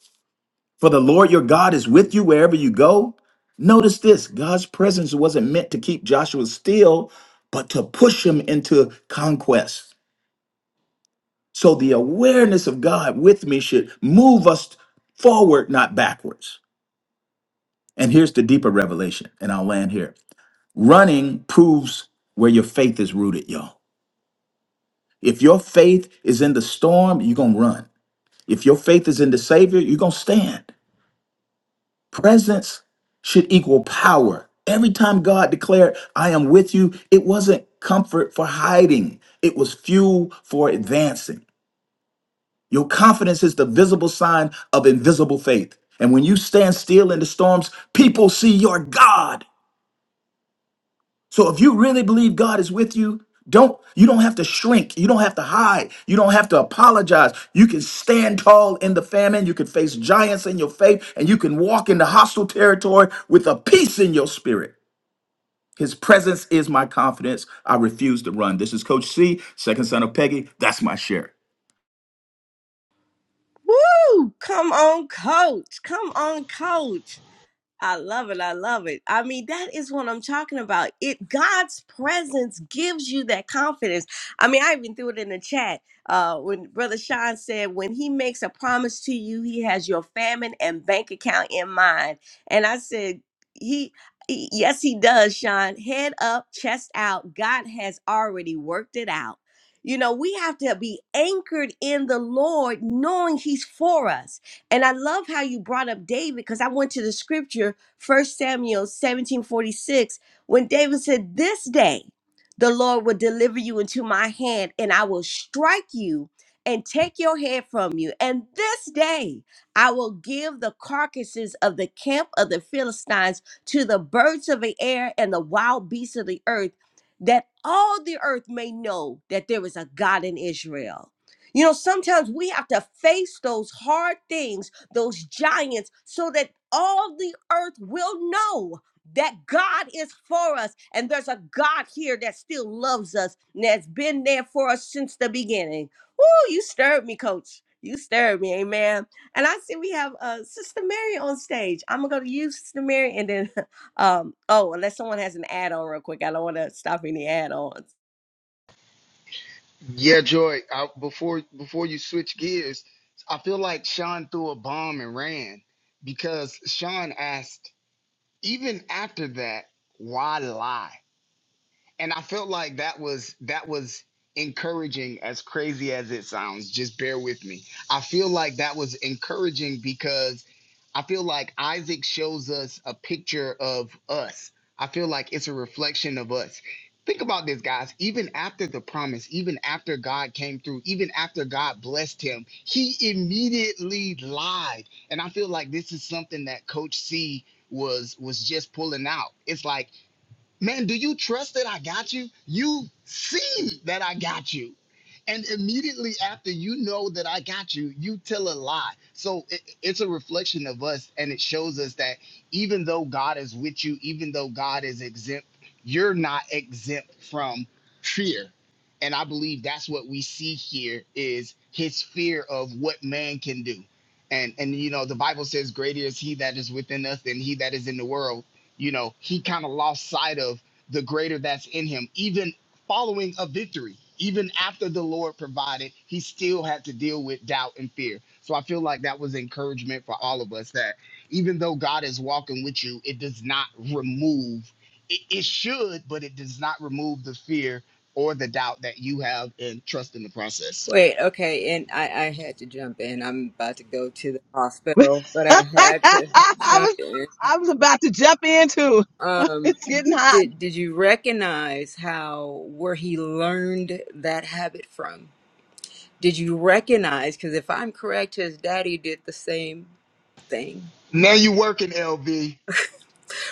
[SPEAKER 7] For the Lord your God is with you wherever you go. Notice this God's presence wasn't meant to keep Joshua still, but to push him into conquest. So the awareness of God with me should move us forward, not backwards. And here's the deeper revelation, and I'll land here. Running proves where your faith is rooted, y'all. If your faith is in the storm, you're going to run. If your faith is in the Savior, you're going to stand. Presence should equal power. Every time God declared, I am with you, it wasn't comfort for hiding, it was fuel for advancing. Your confidence is the visible sign of invisible faith. And when you stand still in the storms, people see your God. So if you really believe God is with you, don't you don't have to shrink. You don't have to hide. You don't have to apologize. You can stand tall in the famine. You can face giants in your faith and you can walk into hostile territory with a peace in your spirit. His presence is my confidence. I refuse to run. This is Coach C, second son of Peggy. That's my share.
[SPEAKER 1] Woo! Come on, coach. Come on, coach. I love it. I love it. I mean, that is what I'm talking about. It God's presence gives you that confidence. I mean, I even threw it in the chat uh, when Brother Sean said, "When He makes a promise to you, He has your famine and bank account in mind." And I said, "He." he- Yes, he does, Sean. Head up, chest out. God has already worked it out. You know, we have to be anchored in the Lord, knowing He's for us and I love how you brought up David because I went to the scripture, First Samuel 17 46, when David said, This day the Lord will deliver you into my hand, and I will strike you and take your head from you. And this day I will give the carcasses of the camp of the Philistines to the birds of the air and the wild beasts of the earth, that all the earth may know that there is a God in Israel. You know, sometimes we have to face those hard things, those giants, so that all the earth will know that God is for us. And there's a God here that still loves us and has been there for us since the beginning. Woo, you stirred me, coach. You stirred me, amen. And I see we have uh, Sister Mary on stage. I'm going to go to you, Sister Mary, and then, <laughs> um, oh, unless someone has an add on real quick, I don't want to stop any add ons.
[SPEAKER 8] Yeah, Joy. I, before before you switch gears, I feel like Sean threw a bomb and ran because Sean asked even after that, why lie? and I felt like that was that was encouraging as crazy as it sounds just bear with me I feel like that was encouraging because I feel like Isaac shows us a picture of us I feel like it's a reflection of us think about this guys even after the promise even after God came through even after God blessed him he immediately lied and I feel like this is something that coach C was was just pulling out it's like Man, do you trust that I got you? You see that I got you. And immediately after you know that I got you, you tell a lie. So it, it's a reflection of us, and it shows us that even though God is with you, even though God is exempt, you're not exempt from fear. And I believe that's what we see here is his fear of what man can do. And and you know the Bible says, "Greater is he that is within us than he that is in the world." You know, he kind of lost sight of the greater that's in him, even following a victory. Even after the Lord provided, he still had to deal with doubt and fear. So I feel like that was encouragement for all of us that even though God is walking with you, it does not remove, it, it should, but it does not remove the fear or the doubt that you have and trust in the process.
[SPEAKER 2] Wait, okay, and I, I had to jump in. I'm about to go to the
[SPEAKER 3] <laughs>
[SPEAKER 2] hospital, but I had to
[SPEAKER 3] I
[SPEAKER 2] jump
[SPEAKER 3] was
[SPEAKER 2] in.
[SPEAKER 3] I was about to jump in too. <laughs>
[SPEAKER 2] Um,
[SPEAKER 3] It's getting hot.
[SPEAKER 2] did did you recognize how where he learned that habit from? Did you recognize? Because if I'm correct, his daddy did the same thing,
[SPEAKER 8] Now you working, LV?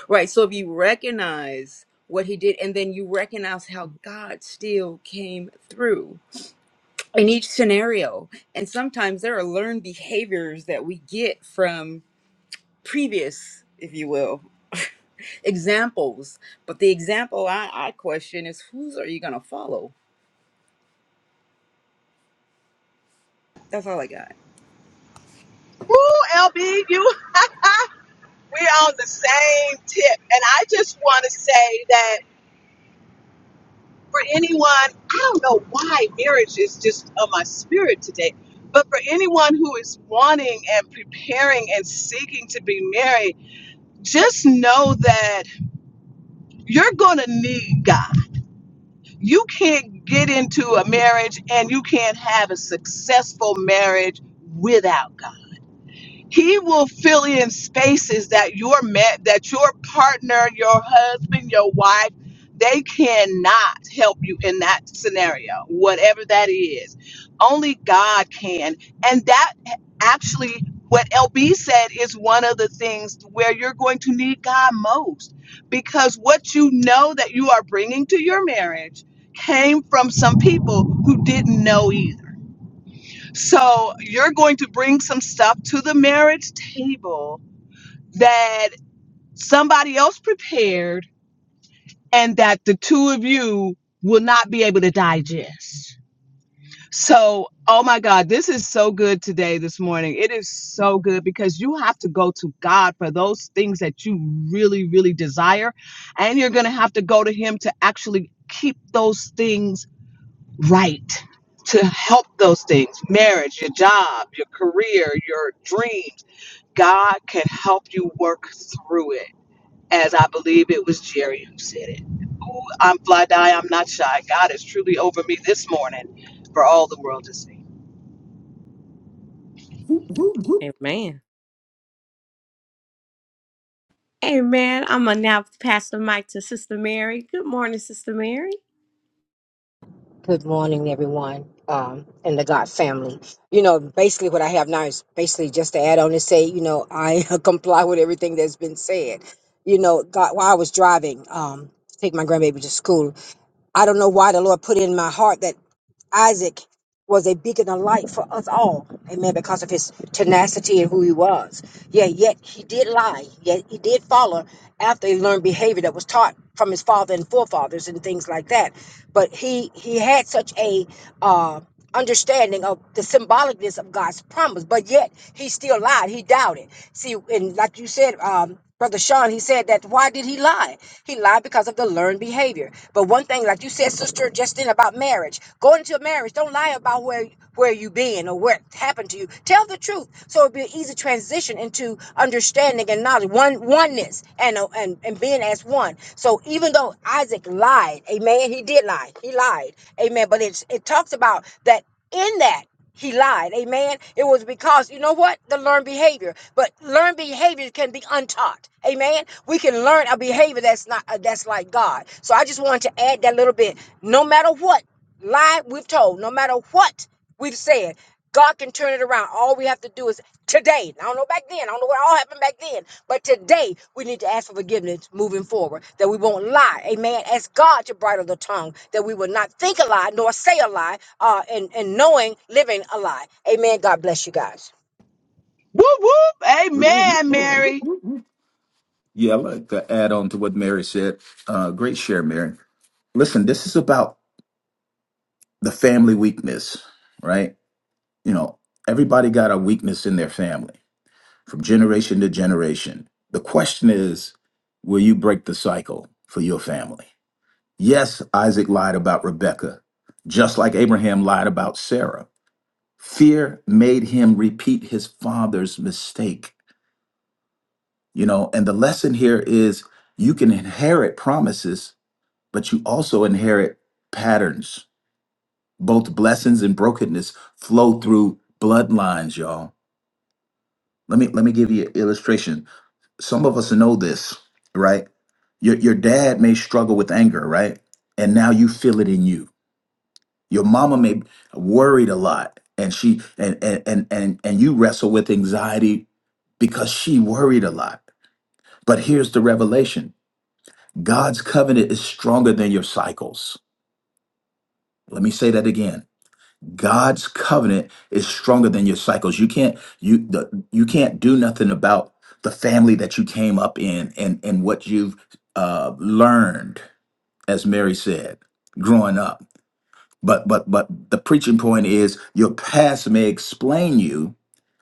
[SPEAKER 2] right? So if you recognize what he did, and then you recognize how God still came through in each scenario, and sometimes there are learned behaviors that we get from. previous, if you will, <laughs> examples. But the example I, I question is whose are you going to follow? That's all I got.
[SPEAKER 3] Woo, LB, you, <laughs> we're on the same tip. And I just want to say that for anyone, I don't know why marriage is just on my spirit today, but for anyone who is wanting and preparing and seeking to be married, just know that you're going to need God. You can't get into a marriage and you can't have a successful marriage without. He will fill in spaces that your met that your partner, your husband, your wife, they cannot help you in that scenario, whatever that is. Only God can. And that actually what LB said is one of the things where you're going to need God most because what you know that you are bringing to your marriage came from some people who didn't know either so you're going to bring some stuff to the marriage table that somebody else prepared and that the two of you will not be able to digest. So, oh my God, this is so good today, this morning. It is so good because you have to go to God for those things that you really, really desire. And you're going to have to go to Him to actually keep those things right to help those things marriage, your job, your career, your dreams. God can help you work through it. As I believe it was Jerry who said it. Ooh, I'm fly die, I'm not shy. God is truly over me this morning for all the world to see.
[SPEAKER 7] Whoop, whoop, whoop.
[SPEAKER 1] Amen. Amen. I'm gonna now pass the mic to Sister Mary. Good morning, Sister Mary.
[SPEAKER 10] Good morning, everyone, um, and the God family. You know, basically, what I have now is basically just to add on and say, you know, I <laughs> comply with everything that's been said. You know, God, while I was driving, um, to take my grandbaby to school, I don't know why the Lord put in my heart that. Isaac was a beacon of light for us all, amen, because of his tenacity and who he was. Yeah, yet he did lie, yet he did follow after he learned behavior that was taught from his father and forefathers and things like that. But he he had such a uh, understanding of the symbolicness of God's promise, but yet he still lied. He doubted. See, and like you said, um, Brother Sean, he said that why did he lie? He lied because of the learned behavior. But one thing, like you said, Sister Justine, about marriage, going into a marriage, don't lie about where where you been or what happened to you. Tell the truth, so it'll be an easy transition into understanding and knowledge, one oneness, and uh, and and being as one. So even though Isaac lied, Amen, he did lie. He lied Amen. But it's, it talks about that in that he lied. Amen. It was because, you know what? The learned behavior. But learned behavior can be untaught. Amen. We can learn a behavior that's not uh, that's like God. So I just wanted to add that little bit. No matter what lie we've told, no matter what we've said, God can turn it around. All we have to do is today. I don't know back then. I don't know what all happened back then. But today, we need to ask for forgiveness moving forward, that we won't lie. Amen. Ask God to bridle the tongue, that we will not think a lie nor say a lie, uh, and, and knowing, living a lie. Amen. God bless you guys.
[SPEAKER 3] Whoop whoop.
[SPEAKER 7] Whoop, whoop,
[SPEAKER 3] Amen,
[SPEAKER 7] whoop, whoop,
[SPEAKER 3] Mary.
[SPEAKER 7] whoop, whoop. Yeah, I like to add on to what Mary said. Uh, great share, Mary. Listen, this is about the family weakness, right? you know, everybody got a weakness in their family from generation to generation. The question is, will you break the cycle for your family? Yes, Isaac lied about Rebecca, just like Abraham lied about Sarah. Fear made him repeat his father's mistake. You know, and the lesson here is you can inherit promises, but you also inherit patterns. Both blessings and brokenness flow through bloodlines, y'all Let me let me give you an illustration. Some of us know this, right? Your your dad may struggle with anger, right? And now you feel it in you. Your mama may be worried a lot and she and and and and, and you wrestle with anxiety because she worried a lot. But here's the revelation. God's covenant is stronger than your cycles. Let me say that again. God's covenant is stronger than your cycles. You can't you the, you can't do nothing about the family that you came up in and and what you've uh, learned, as Mary said, growing up. But but but the preaching point is your past may explain you,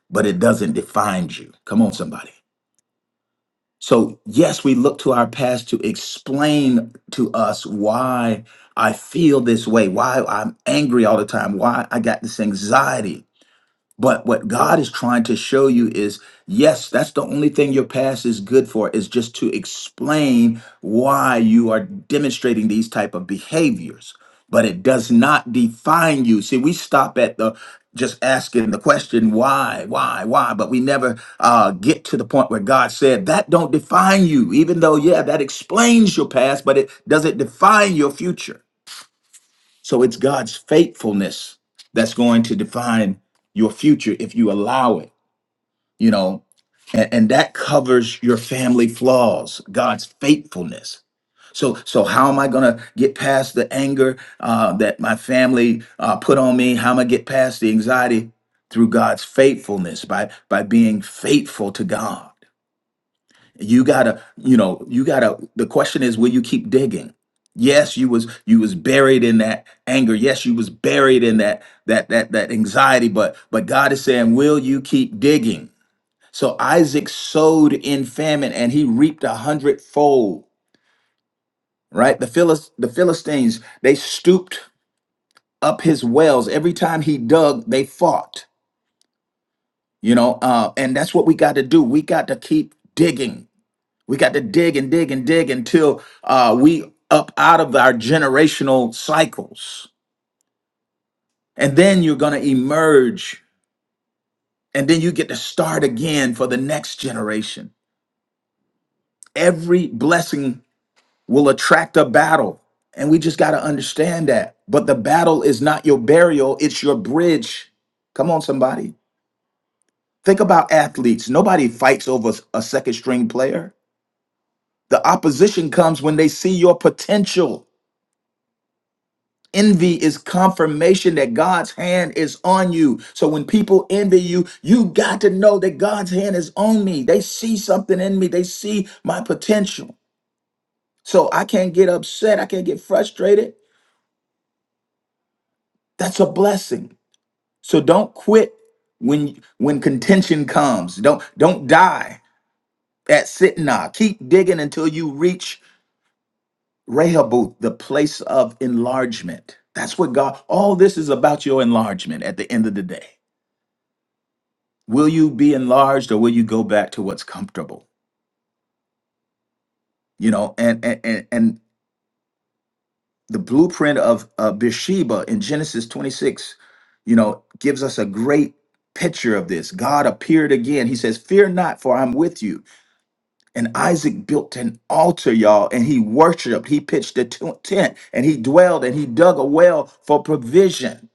[SPEAKER 7] but it doesn't define you. Come on, somebody. So yes, we look to our past to explain to us why I feel this way, why I'm angry all the time, why I got this anxiety but what God is trying to show you is yes, that's the only thing your past is good for, is just to explain why you are demonstrating these type of behaviors. But it does not define you. See, we stop at the just asking the question why, why, why, but we never uh, get to the point where God said that don't define you. Even though, yeah, that explains your past, but it doesn't define your future. So it's God's faithfulness that's going to define your future if you allow it, you know, and, and that covers your family flaws, God's faithfulness. So, so how am I gonna get past the anger uh, that my family uh, put on me? How am I get past the anxiety through God's faithfulness by by being faithful to God? you gotta you know you gotta the question is will you keep digging yes you was you was buried in that anger yes you was buried in that that that that anxiety but but god is saying will you keep digging so isaac sowed in famine and he reaped a hundredfold right the Philist, the philistines they stooped up his wells every time he dug they fought you know uh, and that's what we got to do we got to keep digging We got to dig and dig and dig until uh, we up out of our generational cycles. And then you're going to emerge and then you get to start again for the next generation. Every blessing will attract a battle. And we just got to understand that. But the battle is not your burial, it's your bridge. Come on, somebody. Think about athletes. Nobody fights over a second string player. The opposition comes when they see your potential Envy is confirmation that God's hand is on you. So when people envy you, you got to know that God's hand is on me. They see something in me, they see my potential. So I can't get upset, I can't get frustrated. That's a blessing. So don't quit when when contention comes. Don't don't die at Sitnah. Keep digging until you reach Rehoboth, the place of enlargement. That's what God all this is about your enlargement at the end of the day. will you be enlarged or will you go back to what's comfortable you know and and and, and the blueprint of uh, bathsheba in genesis 26 you know gives us a great picture of this god appeared again he says fear not for i'm with you and isaac built an altar y'all and he worshiped he pitched a t- tent and he dwelled and he dug a well for provision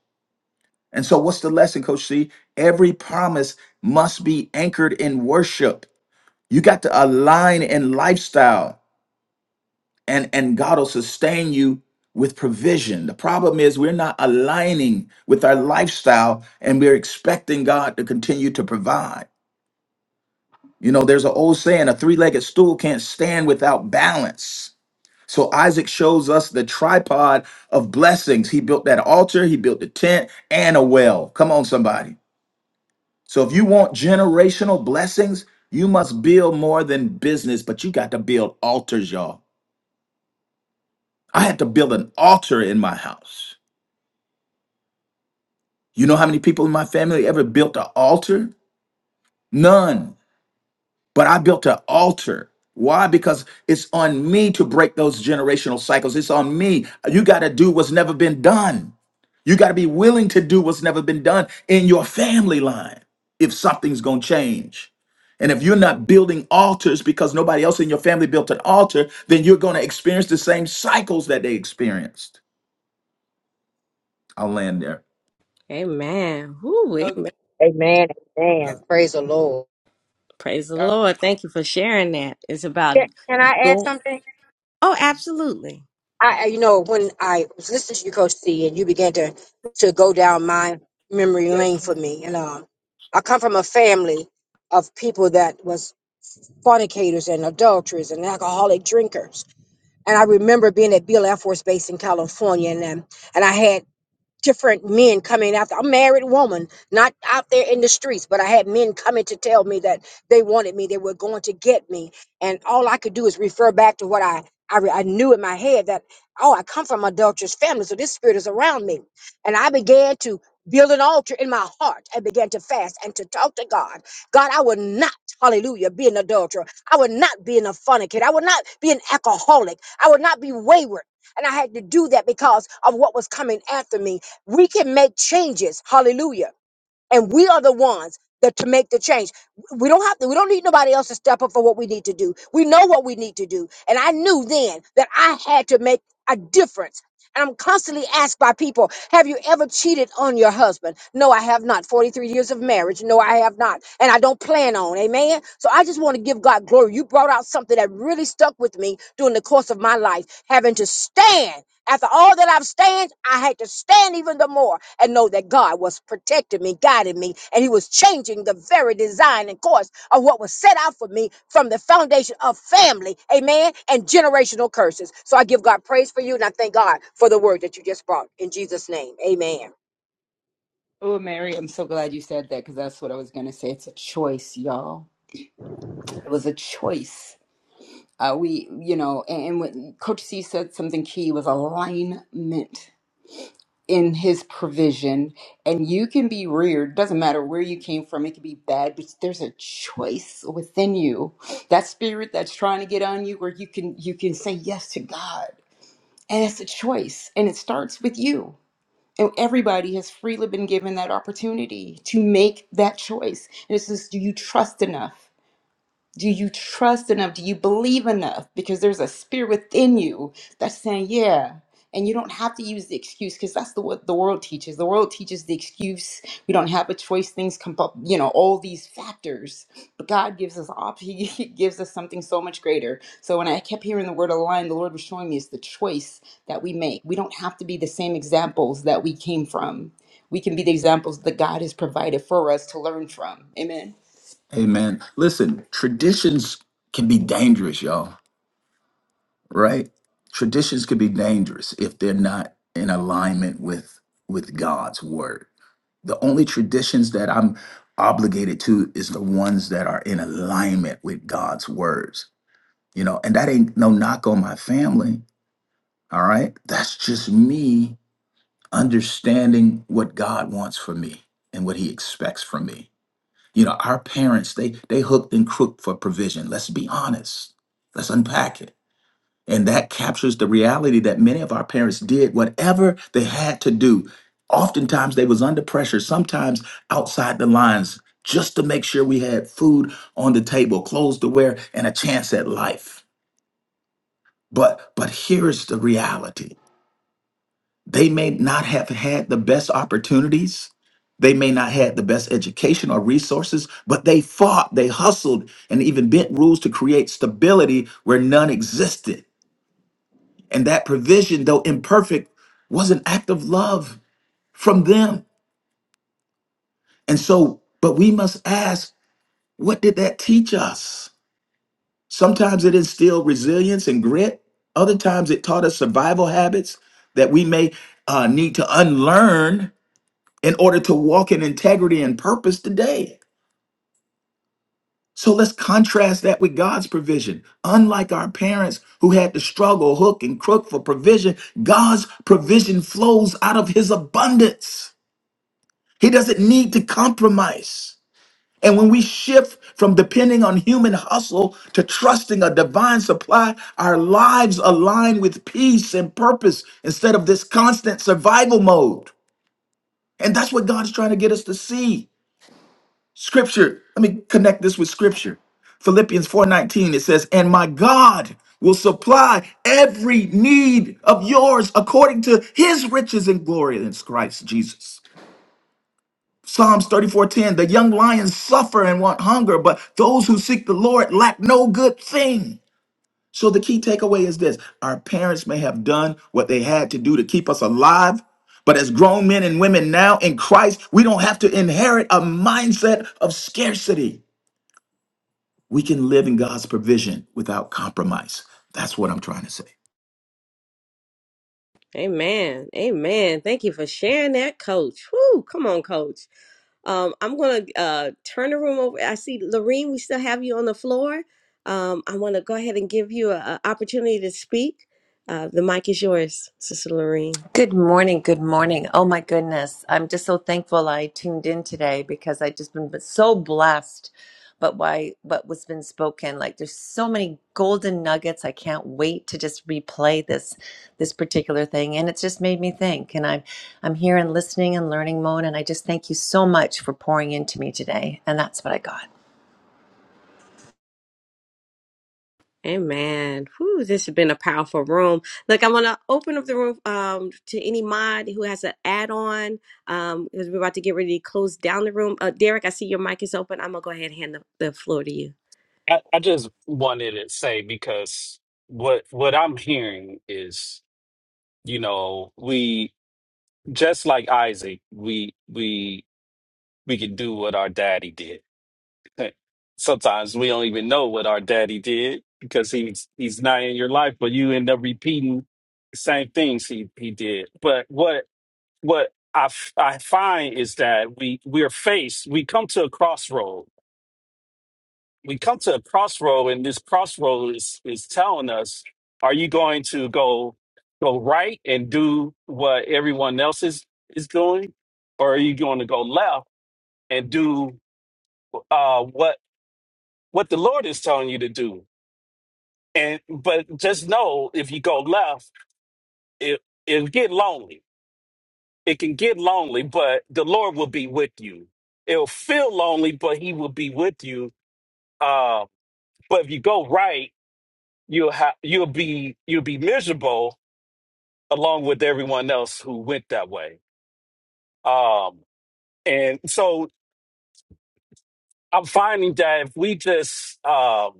[SPEAKER 7] and so what's the lesson coach c every promise must be anchored in worship You got to align in lifestyle, and and God will sustain you with provision. The problem is we're not aligning with our lifestyle, and we're expecting God to continue to provide. You know, there's an old saying: a three-legged stool can't stand without balance. So Isaac shows us the tripod of blessings. He built that altar, he built the tent, and a well. Come on, somebody. So if you want generational blessings, you must build more than business, but you got to build altars, y'all. I had to build an altar in my house. You know how many people in my family ever built an altar? None. But I built an altar. Why? Because it's on me to break those generational cycles. It's on me. You got to do what's never been done. You got to be willing to do what's never been done in your family line if something's going to change. And if you're not building altars because nobody else in your family built an altar, then you're going to experience the same cycles that they experienced. I'll land there.
[SPEAKER 1] Amen. Woo,
[SPEAKER 2] Okay.
[SPEAKER 1] amen.
[SPEAKER 10] Amen. Amen. Praise the Lord.
[SPEAKER 1] Praise the
[SPEAKER 2] uh,
[SPEAKER 1] Lord. Thank you for sharing that. It's about
[SPEAKER 10] Can can I add
[SPEAKER 1] go.
[SPEAKER 10] something?
[SPEAKER 1] Oh, absolutely.
[SPEAKER 10] I, I- you know, when I was listening to you, Coach C, and you began to to go down my memory
[SPEAKER 2] You guys
[SPEAKER 10] lane for
[SPEAKER 2] can
[SPEAKER 10] me, and um, I come from a family of people that was fornicators and adulterers and alcoholic drinkers, and I remember being at Beale Air Force Base in California, and um, and I had different men coming after I'm a married woman, not out there in the streets, but I had men coming to tell me that they wanted me, they were going to get me, and all I could do is refer back to what I I, re- I knew in my head that oh, I come from adulterous family, so this spirit is around me, and I began to. Build an altar in my heart and began to fast and to talk to God. God, I will not, hallelujah, be an adulterer. I will not be an fornicator. I will not be an alcoholic. I will not be wayward. And I had to do that because of what was coming after me we can make changes hallelujah and we are the ones that to make the change we don't have to we don't need nobody else to step up for what we need to do we know what we need to do and i knew then that i had to make a difference and i'm constantly asked by people have you ever cheated on your husband no i have not 43 years of marriage no i have not and i don't plan on amen so i just want to give god glory you brought out something that really stuck with me during the course of my life having to stand after all that I've stand, I had to stand even the more and know that God was protecting me, guiding me, and He was changing the very design and course of what was set out for me from the foundation of family, amen, and generational curses. So I give God praise for you, and I thank God for the word that you just brought in Jesus' name, amen.
[SPEAKER 2] Oh, Mary, I'm so glad you said that because that's what I was going to say. It's a choice, y'all. It was a choice. Uh, we, you know, and, and what Coach C said something key was alignment. in his provision and you can be reared doesn't matter where you came from it could be bad but there's a choice within you that spirit that's trying to get on you where you can you can say yes to god and it's a choice and it starts with you and everybody has freely been given that opportunity to make that choice and it's just do you trust enough do you trust enough? Do you believe enough? Because there's a spirit within you that's saying, yeah. And you don't have to use the excuse because that's the what the world teaches. The world teaches the excuse. We don't have a choice. Things come up, you know, all these factors. But God gives us op- <laughs> He gives us something so much greater. So when I kept hearing the word align, the Lord was showing me is the choice that we make. We don't have to be the same examples that we came from. We can be the examples that God has provided for us to learn from. Amen.
[SPEAKER 7] Amen. Listen, traditions can be dangerous, y'all, right? Traditions can be dangerous if they're not in alignment with with God's word. The only traditions that I'm obligated to is the ones that are in alignment with God's words. You know, and that ain't no knock on my family, all right? That's just me understanding what God wants for me and what he expects from me. You know, our parents, they they hooked and crooked for provision. Let's be honest. Let's unpack it. And that captures the reality that many of our parents did whatever they had to do. Oftentimes they was under pressure, sometimes outside the lines, just to make sure we had food on the table, clothes to wear, and a chance at life. But but here's the reality. They may not have had the best opportunities. They may not had the best education or resources, but they fought, they hustled, and even bent rules to create stability where none existed. And that provision, though imperfect, was an act of love from them. And so, but we must ask, what did that teach us? Sometimes it instilled resilience and grit. Other times it taught us survival habits that we may uh, need to unlearn in order to walk in integrity and purpose today. So let's contrast that with God's provision. Unlike our parents who had to struggle hook and crook for provision, God's provision flows out of his abundance. He doesn't need to compromise. And when we shift from depending on human hustle to trusting a divine supply, our lives align with peace and purpose instead of this constant survival mode. And that's what God's trying to get us to see. Scripture, let me connect this with scripture. Philippians 4:19 it says, "And my God will supply every need of yours according to his riches and glory in Christ Jesus." Psalms 34:10, "The young lions suffer and want hunger, but those who seek the Lord lack no good thing." So the key takeaway is this: our parents may have done what they had to do to keep us alive, but as grown men and women now in Christ, we don't have to inherit a mindset of scarcity. We can live in God's provision without compromise. That's what I'm trying to say.
[SPEAKER 1] Amen. Amen. Thank you for sharing that, Coach. Woo, come on, Coach. Um, I'm going to uh, turn the room over. I see, Lorene, we still have you on the floor. Um, I want to go ahead and give you an opportunity to speak. Uh, the mic is yours, Sister Lorene.
[SPEAKER 11] Good morning. Good morning. Oh my goodness. I'm just so thankful I tuned in today because I just been so blessed but why what was been spoken. Like there's so many golden nuggets. I can't wait to just replay this this particular thing. And it's just made me think. And I'm I'm here and listening and learning mode. And I just thank you so much for pouring into me today. And that's what I got.
[SPEAKER 1] Amen. Whew, this has been a powerful room. Look, I want to open up the room um, to any mod who has an add-on um, because we're about to get ready to close down the room. Uh, Derek, I see your mic is open. I'm gonna go ahead and hand the, the floor to you.
[SPEAKER 9] I, I just wanted to say because what what I'm hearing is, you know, we just like Isaac, we we we can do what our daddy did. <laughs> Sometimes we don't even know what our daddy did because he's he's not in your life, but you end up repeating the same things he, he did. But what what I, f- I find is that we we are faced we come to a crossroad we come to a crossroad and this crossroad is is telling us are you going to go go right and do what everyone else is is doing or are you going to go left and do uh what what the lord is telling you to do and but just know if you go left it it'll get lonely It can get lonely, but the Lord will be with you. It'll feel lonely, but He will be with you. Uh, but if you go right, you'll have you'll be you'll be miserable along with everyone else who went that way. Um, and so I'm finding that if we just um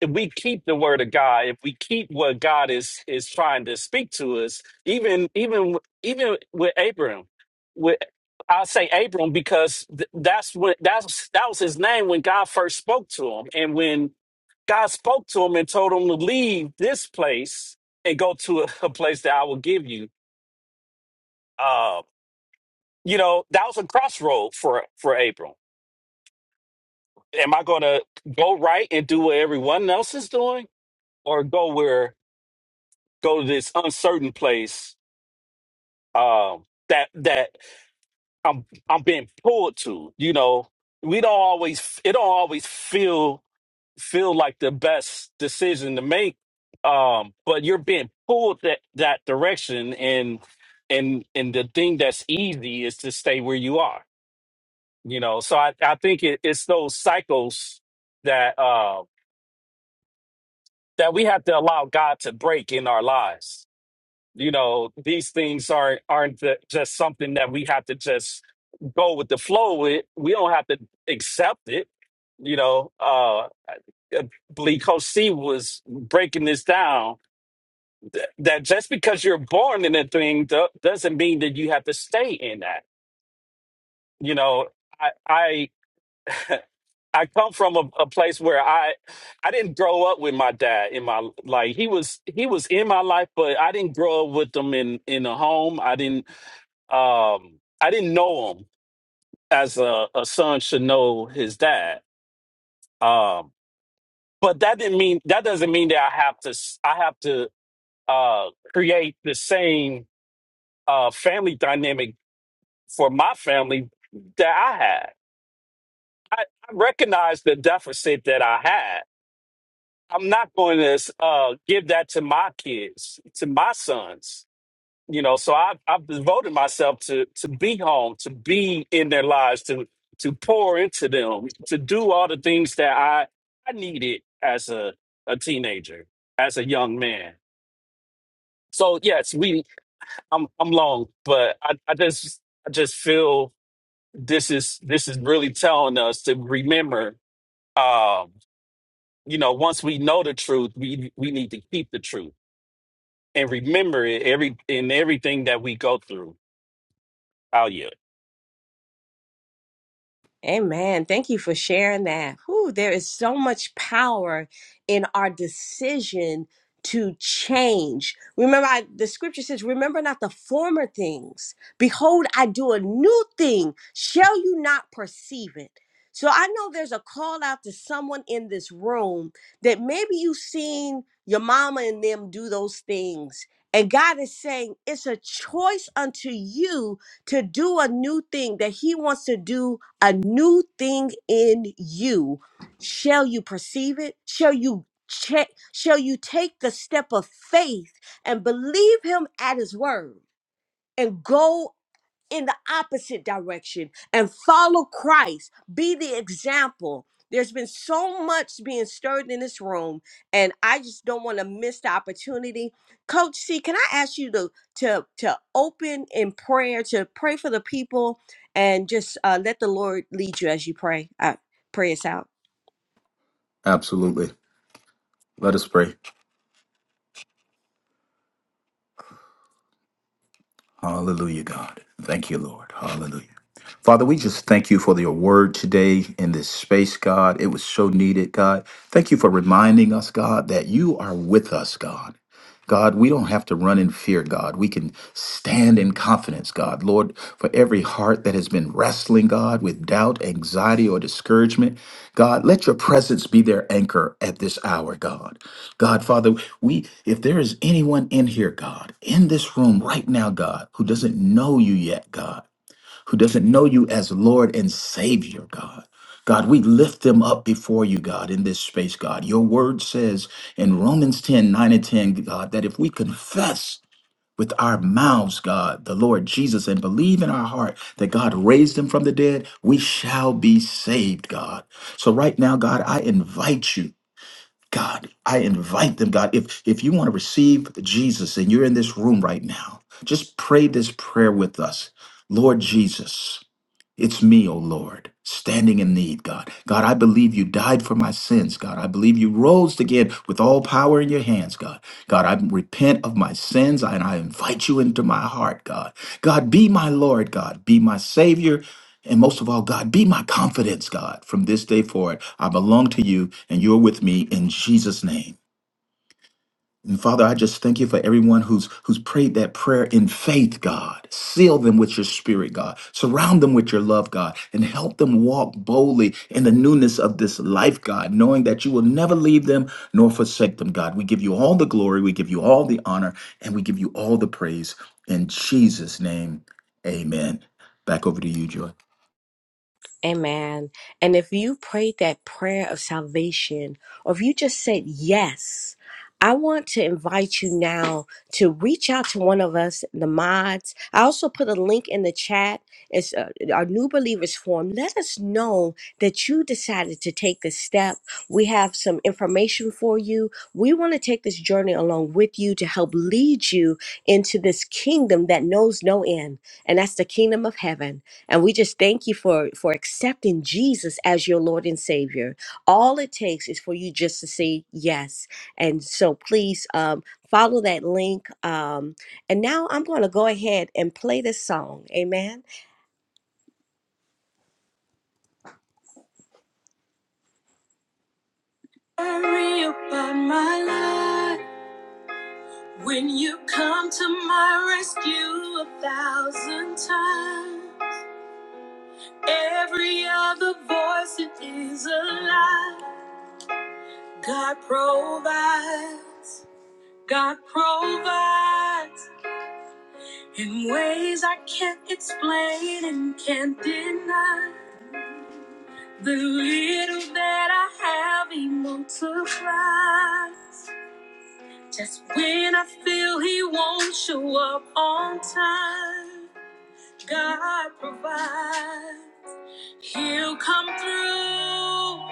[SPEAKER 9] if we keep the word of God, if we keep what God is is trying to speak to us, even even even with Abram, with I say Abram because th- that's when that's that was his name when God first spoke to him, and when God spoke to him and told him to leave this place and go to <laughs> a, a place that I will give you. Uh, you know that was a crossroad for for Abram. Am I going to go right and do what everyone else is doing, or go where? go to this uncertain place um that that I'm I'm being pulled to you know we don't always it don't always feel feel like the best decision to make um but you're being pulled that that direction and and and the thing that's easy is to stay where you are you know so I I think it, it's those cycles that uh that we have to allow God to break in our lives you know these things aren't aren't the, just something that we have to just go with the flow with we don't have to accept it you know uh I believe Coach C was breaking this down th- that just because you're born in a thing do- doesn't mean that you have to stay in that. You know, I I, <laughs> I come from a, a place where I I didn't grow up with my dad in my like he was he was in my life, but I didn't grow up with him in in a home. I didn't um i didn't know him as a, a son should know his dad um but that didn't mean that doesn't mean that i have to s- i have to uh create the same uh family dynamic for my family that i had i, I recognize the deficit that i had i'm not going to uh give that to my kids to my sons you know so i i've devoted myself to to be home to be in their lives to to pour into them to do all the things that i i needed as a a teenager as a young man so yes we i'm i'm long but i i just i just feel this is this is really telling us to remember um you know once we know the truth we we need to keep the truth and remember it every in everything that we go through oh yeah.
[SPEAKER 1] Amen. Thank you for sharing that. Whew, there is so much power in our decision to change. Remember, I, the scripture says, Remember not the former things. Behold, I do a new thing. Shall you not perceive it? So I know there's a call out to someone in this room that maybe you've seen your mama and them do those things. And God is saying, It's a choice unto you to do a new thing, that he wants to do a new thing in you. Shall you perceive it? Shall you check? Shall you take the step of faith and believe him at his word and go in the opposite direction and follow Christ. Be the example. There's been so much being stirred in this room, and I just don't want to miss the opportunity. Coach C, can I ask you to to to open in prayer, to pray for the people, and just uh, let the Lord lead you as you pray. Uh, pray us out.
[SPEAKER 7] Absolutely. Let us pray. Hallelujah, God. Thank you, Lord. Hallelujah. Father, we just thank you for your word today in this space, God. It was so needed, God. Thank you for reminding us, God, that you are with us, God. God, we don't have to run in fear, God. We can stand in confidence, God. Lord, for every heart that has been wrestling, God, with doubt, anxiety, or discouragement, God, let your presence be their anchor at this hour, God. God, Father, we if there is anyone in here, God, in this room right now, God, who doesn't know you yet, God who doesn't know you as Lord and Savior, God. God, we lift them up before you, God, in this space, God. Your word says in Romans 10 9 and 10, God, that if we confess with our mouths, God, the Lord Jesus, and believe in our heart that God raised him from the dead, we shall be saved, God. So right now, God, I invite you. God, I invite them, God. If if you want to receive Jesus and you're in this room right now, just pray this prayer with us. Lord Jesus. It's me, O Lord, standing in need, God. God, I believe you died for my sins, God. I believe you rose again with all power in your hands, God. God, I repent of my sins and I invite you into my heart, God. God, be my Lord, God. Be my Savior. And most of all, God, be my confidence, God. From this day forward, I belong to you and you're with me in Jesus' name. And Father, I just thank you for everyone who's who's prayed that prayer in faith, God. Seal them with your spirit, God. Surround them with your love, God, and help them walk boldly in the newness of this life, God, knowing that you will never leave them nor forsake them, God. We give you all the glory, we give you all the honor, and we give you all the praise in Jesus' name. Amen. Back over to you, Joy.
[SPEAKER 1] Amen. And if you prayed that prayer of salvation, or if you just said yes, I want to invite you now to reach out to one of us, the mods. I also put a link in the chat. It's uh, our new believers form. Let us know that you decided to take this step. We have some information for you. We want to take this journey along with you to help lead you into this kingdom that knows no end, and that's the kingdom of heaven. And we just thank you for for accepting Jesus as your Lord and Savior. All it takes is for you just to say yes. And so please um, follow that link. Um, and now I'm going to go ahead and play this song. Amen. Worry about my life when you come to my rescue a thousand times. Every other voice it is a lie. God provides. God provides in ways I can't explain and can't deny. The little that I have, He multiplies. Just when I feel He won't show up on time, God provides. He'll come through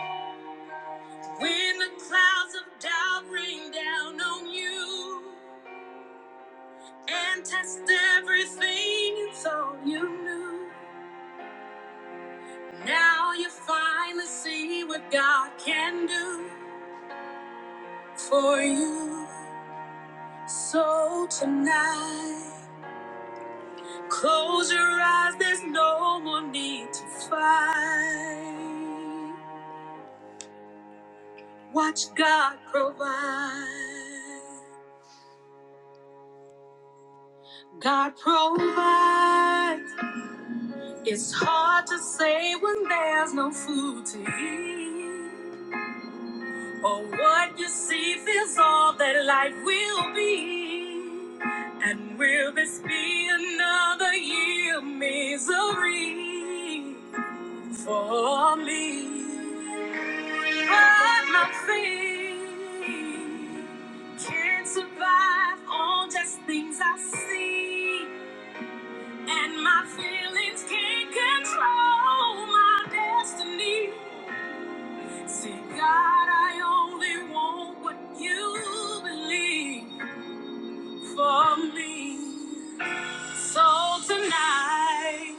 [SPEAKER 1] when the clouds of doubt rain down on you and test everything you thought you knew. Now you finally see what God can do for you. So tonight, close your eyes, there's no more need to fight. Watch God provide. God provides. It's hard to say when there's no food to eat. Oh, what you see is all that life will be. And will this be another year of misery for me? But my faith can't survive on just things I see. And my feelings can't control my destiny. See, God, I only want what you believe for me. So tonight,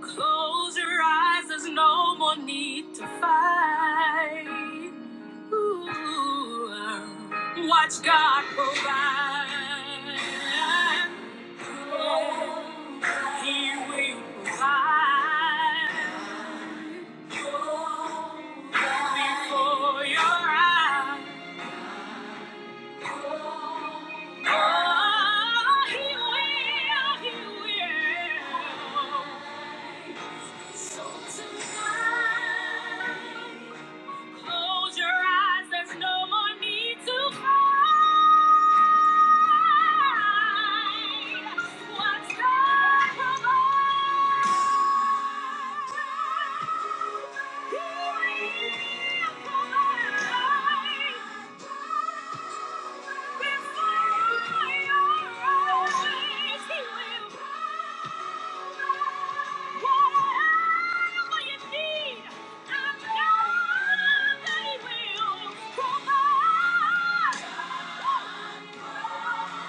[SPEAKER 1] close your eyes, there's no more need to fight. Ooh, watch God provide. He will provide before your eyes. Oh, he will, he will. So tonight, close your eyes. There's no more need to fight. He Thank you.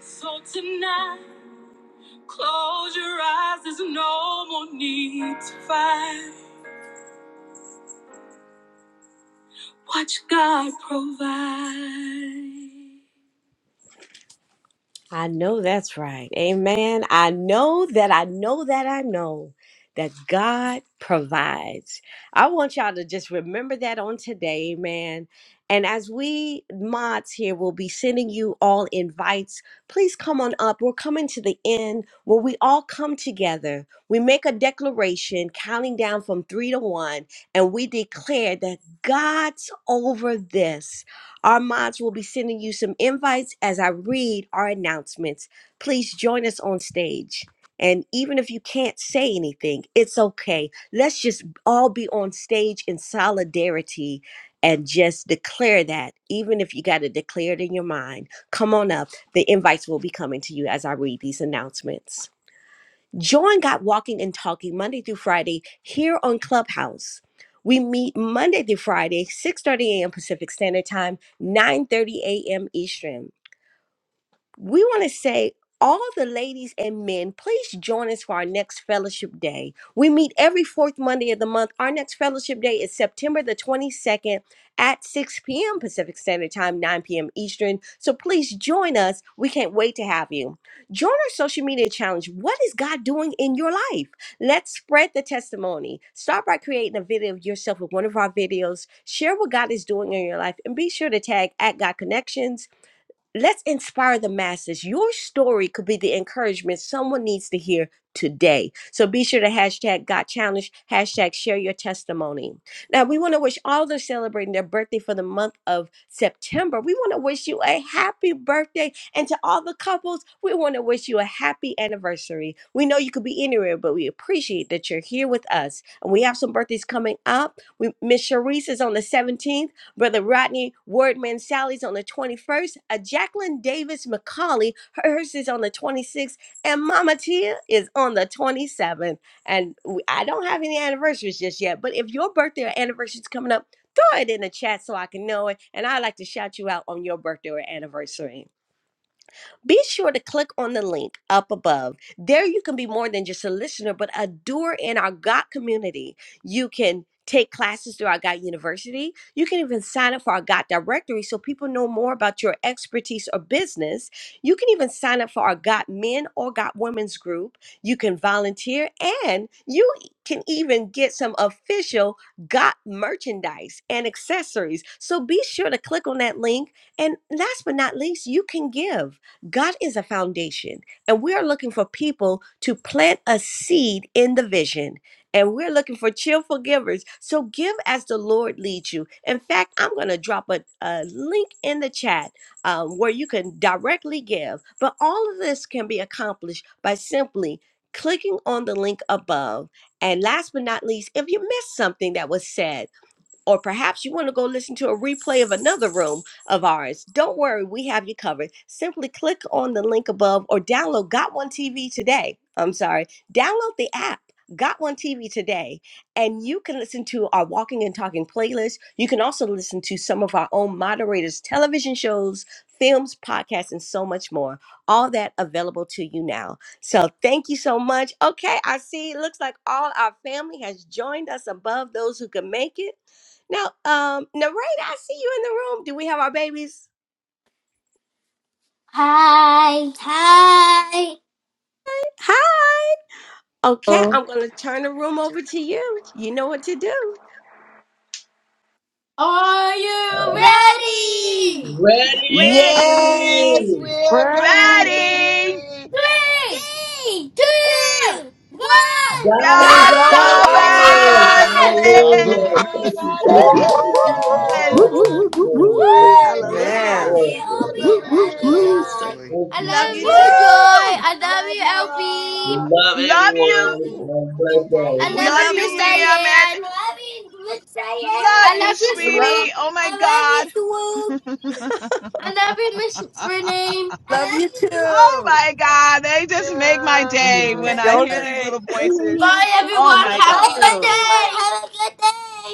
[SPEAKER 1] So Tonight, close your eyes, there's no more need to fight. Watch God provide. I know that's right. Amen. I know that I know that I know that God provides. I want y'all to just remember that on today. Amen. And as we mods here will be sending you all invites, please come on up. We're coming to the end where we all come together. We make a declaration counting down from three to one, and we declare that God's over this. Our mods will be sending you some invites as I read our announcements. Please join us on stage. And even if you can't say anything, it's okay. Let's just all be on stage in solidarity and just declare that, even if you got to declare it in your mind. Come on up. The invites will be coming to you as I read these announcements. Join God Walking and Talking Monday through Friday here on Clubhouse. We meet Monday through Friday, 6:30 a.m. Pacific Standard Time, 9:30 a.m. Eastern we want to say all the ladies and men please join us for our next fellowship day we meet every fourth monday of the month our next fellowship day is september the 22nd at 6 p.m pacific standard time 9 p.m eastern so please join us we can't wait to have you join our social media challenge what is god doing in your life let's spread the testimony start by creating a video of yourself with one of our videos share what god is doing in your life and be sure to tag at god connections let's inspire the masses. Your story could be the encouragement someone needs to hear today. So be sure to hashtag got challenged, hashtag share your testimony. Now we want to wish all those celebrating their birthday for the month of September. We want to wish you a happy birthday. And to all the couples, we want to wish you a happy anniversary. We know you could be anywhere, but we appreciate that you're here with us. And we have some birthdays coming up. We Miss Sharice is on the 17th. Brother Rodney Wordman Sally's on the 21st. A Jacqueline Davis McCauley, hers is on the 26th. And Mama Tia is on the 27th. And we, I don't have any anniversaries just yet, but if your birthday or anniversary is coming up, throw it in the chat so I can know it. And I like to shout you out on your birthday or anniversary. Be sure to click on the link up above. There you can be more than just a listener, but a doer in our GOT community. You can take classes through our GOT University. You can even sign up for our GOT directory so people know more about your expertise or business. You can even sign up for our GOT men or GOT women's group. You can volunteer and you e, can even get some official GOT merchandise and accessories. So be sure to click on that link. And last but not least, you can give. God is a foundation, and we are looking for people to plant a seed in the vision. And we're looking for cheerful givers. So give as the Lord leads you. In fact, I'm going to drop a, a link in the chat um, where you can directly give. But all of this can be accomplished by simply clicking on the link above. And last but not least, if you missed something that was said, or perhaps you want to go listen to a replay of another room of ours, don't worry, we have you covered. Simply click on the link above or download Got One TV today. I'm sorry, download the app. Got one TV today, and you can listen to our Walking and Talking playlist. You can also listen to some of our own moderators' television shows, films, podcasts, and so much more. All that available to you now. So, thank you so much. Okay, I see. It looks like all our family has joined us above those who can make it. Now, um, Narada, I see you in the room. Do we have our babies?
[SPEAKER 12] Hi, hi.
[SPEAKER 1] Hi. Okay,
[SPEAKER 5] Oh,
[SPEAKER 1] I'm gonna turn the room over to you. You know what to do.
[SPEAKER 12] Are you Ready?
[SPEAKER 5] Yay!
[SPEAKER 13] Ready!
[SPEAKER 1] Ready?
[SPEAKER 14] Right.
[SPEAKER 3] Ready.
[SPEAKER 12] Three, two, one. Three, Three, two, two, one, one,
[SPEAKER 13] God
[SPEAKER 12] go!
[SPEAKER 13] is
[SPEAKER 1] God's
[SPEAKER 3] God's
[SPEAKER 13] over
[SPEAKER 1] over
[SPEAKER 14] God is
[SPEAKER 5] God's
[SPEAKER 13] this!
[SPEAKER 3] over
[SPEAKER 5] over
[SPEAKER 14] over
[SPEAKER 1] this.
[SPEAKER 12] Tigers!
[SPEAKER 8] God's over.
[SPEAKER 3] this.
[SPEAKER 13] Hallelujah!
[SPEAKER 8] man.
[SPEAKER 13] Thank
[SPEAKER 5] this.
[SPEAKER 14] this.
[SPEAKER 13] you,
[SPEAKER 15] keep
[SPEAKER 13] Jesus.
[SPEAKER 8] Woo-hoo!
[SPEAKER 13] Thank
[SPEAKER 5] Hallelujah.
[SPEAKER 1] Woo,
[SPEAKER 13] you,
[SPEAKER 1] woo, woo,
[SPEAKER 13] Father.
[SPEAKER 7] Woo,
[SPEAKER 1] woo,
[SPEAKER 14] Woo.
[SPEAKER 13] Bless
[SPEAKER 7] woo,
[SPEAKER 13] your
[SPEAKER 1] woo.
[SPEAKER 7] woo,
[SPEAKER 13] holy
[SPEAKER 7] woo,
[SPEAKER 12] Woo! Woo!
[SPEAKER 13] name. Thank
[SPEAKER 7] woo.
[SPEAKER 13] you,
[SPEAKER 5] Praise
[SPEAKER 12] I
[SPEAKER 13] Father.
[SPEAKER 14] Man.
[SPEAKER 12] love
[SPEAKER 1] Hallelujah.
[SPEAKER 5] God.
[SPEAKER 13] Glory,
[SPEAKER 12] you,
[SPEAKER 5] God's
[SPEAKER 12] Obi.
[SPEAKER 13] glory,
[SPEAKER 7] Woo,
[SPEAKER 12] I
[SPEAKER 5] over
[SPEAKER 13] Father.
[SPEAKER 8] Shalom,
[SPEAKER 7] woo,
[SPEAKER 12] love you,
[SPEAKER 13] Thank
[SPEAKER 8] shalom,
[SPEAKER 13] you,
[SPEAKER 7] woo.
[SPEAKER 13] so-
[SPEAKER 12] Joy.
[SPEAKER 5] there.
[SPEAKER 8] family.
[SPEAKER 13] thank
[SPEAKER 12] I
[SPEAKER 13] you,
[SPEAKER 1] Love
[SPEAKER 12] love
[SPEAKER 1] you
[SPEAKER 12] you,
[SPEAKER 13] Father.
[SPEAKER 1] too.
[SPEAKER 12] Joy. I love
[SPEAKER 5] Love
[SPEAKER 12] you,
[SPEAKER 5] you
[SPEAKER 13] We
[SPEAKER 12] LB.
[SPEAKER 5] all.
[SPEAKER 13] love
[SPEAKER 3] Love
[SPEAKER 13] everyone.
[SPEAKER 3] you.
[SPEAKER 13] Have a blessed day.
[SPEAKER 12] I
[SPEAKER 1] We
[SPEAKER 12] love
[SPEAKER 3] Love
[SPEAKER 12] you,
[SPEAKER 1] love
[SPEAKER 3] you,
[SPEAKER 12] Miss Diane.
[SPEAKER 1] you.
[SPEAKER 3] Liam, and
[SPEAKER 12] I love you, Miss Diane. I love you, Miss Diane. I
[SPEAKER 3] love you,
[SPEAKER 12] love you,
[SPEAKER 1] We love
[SPEAKER 3] sweetie.
[SPEAKER 1] you.
[SPEAKER 12] Swoop.
[SPEAKER 3] Oh
[SPEAKER 12] I
[SPEAKER 3] my
[SPEAKER 12] love you,
[SPEAKER 3] God.
[SPEAKER 12] Swoop. I love you, Miss Renee. I
[SPEAKER 6] Love
[SPEAKER 12] love
[SPEAKER 6] you
[SPEAKER 12] you.
[SPEAKER 3] Oh
[SPEAKER 6] too.
[SPEAKER 3] my God, they
[SPEAKER 5] Love
[SPEAKER 3] just make my day when
[SPEAKER 5] you.
[SPEAKER 3] I
[SPEAKER 6] Yes.
[SPEAKER 1] Don't
[SPEAKER 3] hear these
[SPEAKER 1] they?
[SPEAKER 3] little
[SPEAKER 1] <laughs>
[SPEAKER 3] voices.
[SPEAKER 12] Bye,
[SPEAKER 3] Oh
[SPEAKER 6] Love
[SPEAKER 12] everyone.
[SPEAKER 3] my
[SPEAKER 12] Have Bye, a
[SPEAKER 3] God.
[SPEAKER 12] good day.
[SPEAKER 6] you.
[SPEAKER 12] everyone. Have a good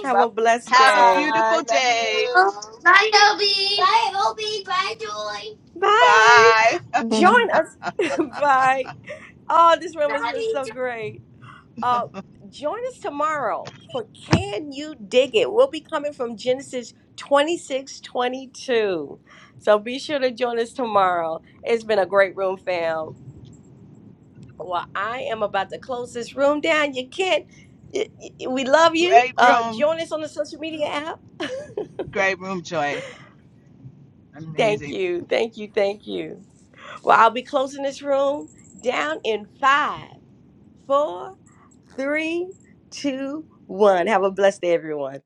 [SPEAKER 1] Have
[SPEAKER 5] Bye
[SPEAKER 1] a blessed
[SPEAKER 3] Have a
[SPEAKER 1] day.
[SPEAKER 5] bye.
[SPEAKER 3] beautiful
[SPEAKER 5] Love
[SPEAKER 3] day.
[SPEAKER 5] you.
[SPEAKER 12] day. Bye, Obi. Bye, Obi. Bye, Joy.
[SPEAKER 1] Bye.
[SPEAKER 3] Bye.
[SPEAKER 1] Join us. <laughs> Bye. Oh, this room is was
[SPEAKER 12] Bye.
[SPEAKER 1] so great. Uh, join us tomorrow for Can You Dig It? We'll be coming from Genesis 26 22. So be sure to join us tomorrow. It's been a great room, fam. Well, I am about to close this room down. You can't, y- y- we love you.
[SPEAKER 3] Great
[SPEAKER 1] Uh,
[SPEAKER 3] room.
[SPEAKER 1] join us on the social media app. <laughs>
[SPEAKER 3] Great room, Joy.
[SPEAKER 1] Thank
[SPEAKER 3] Amazing.
[SPEAKER 1] you. Thank you. Thank you. Well, I'll be closing this room down in five, four, three, two, one. Have a blessed day, everyone.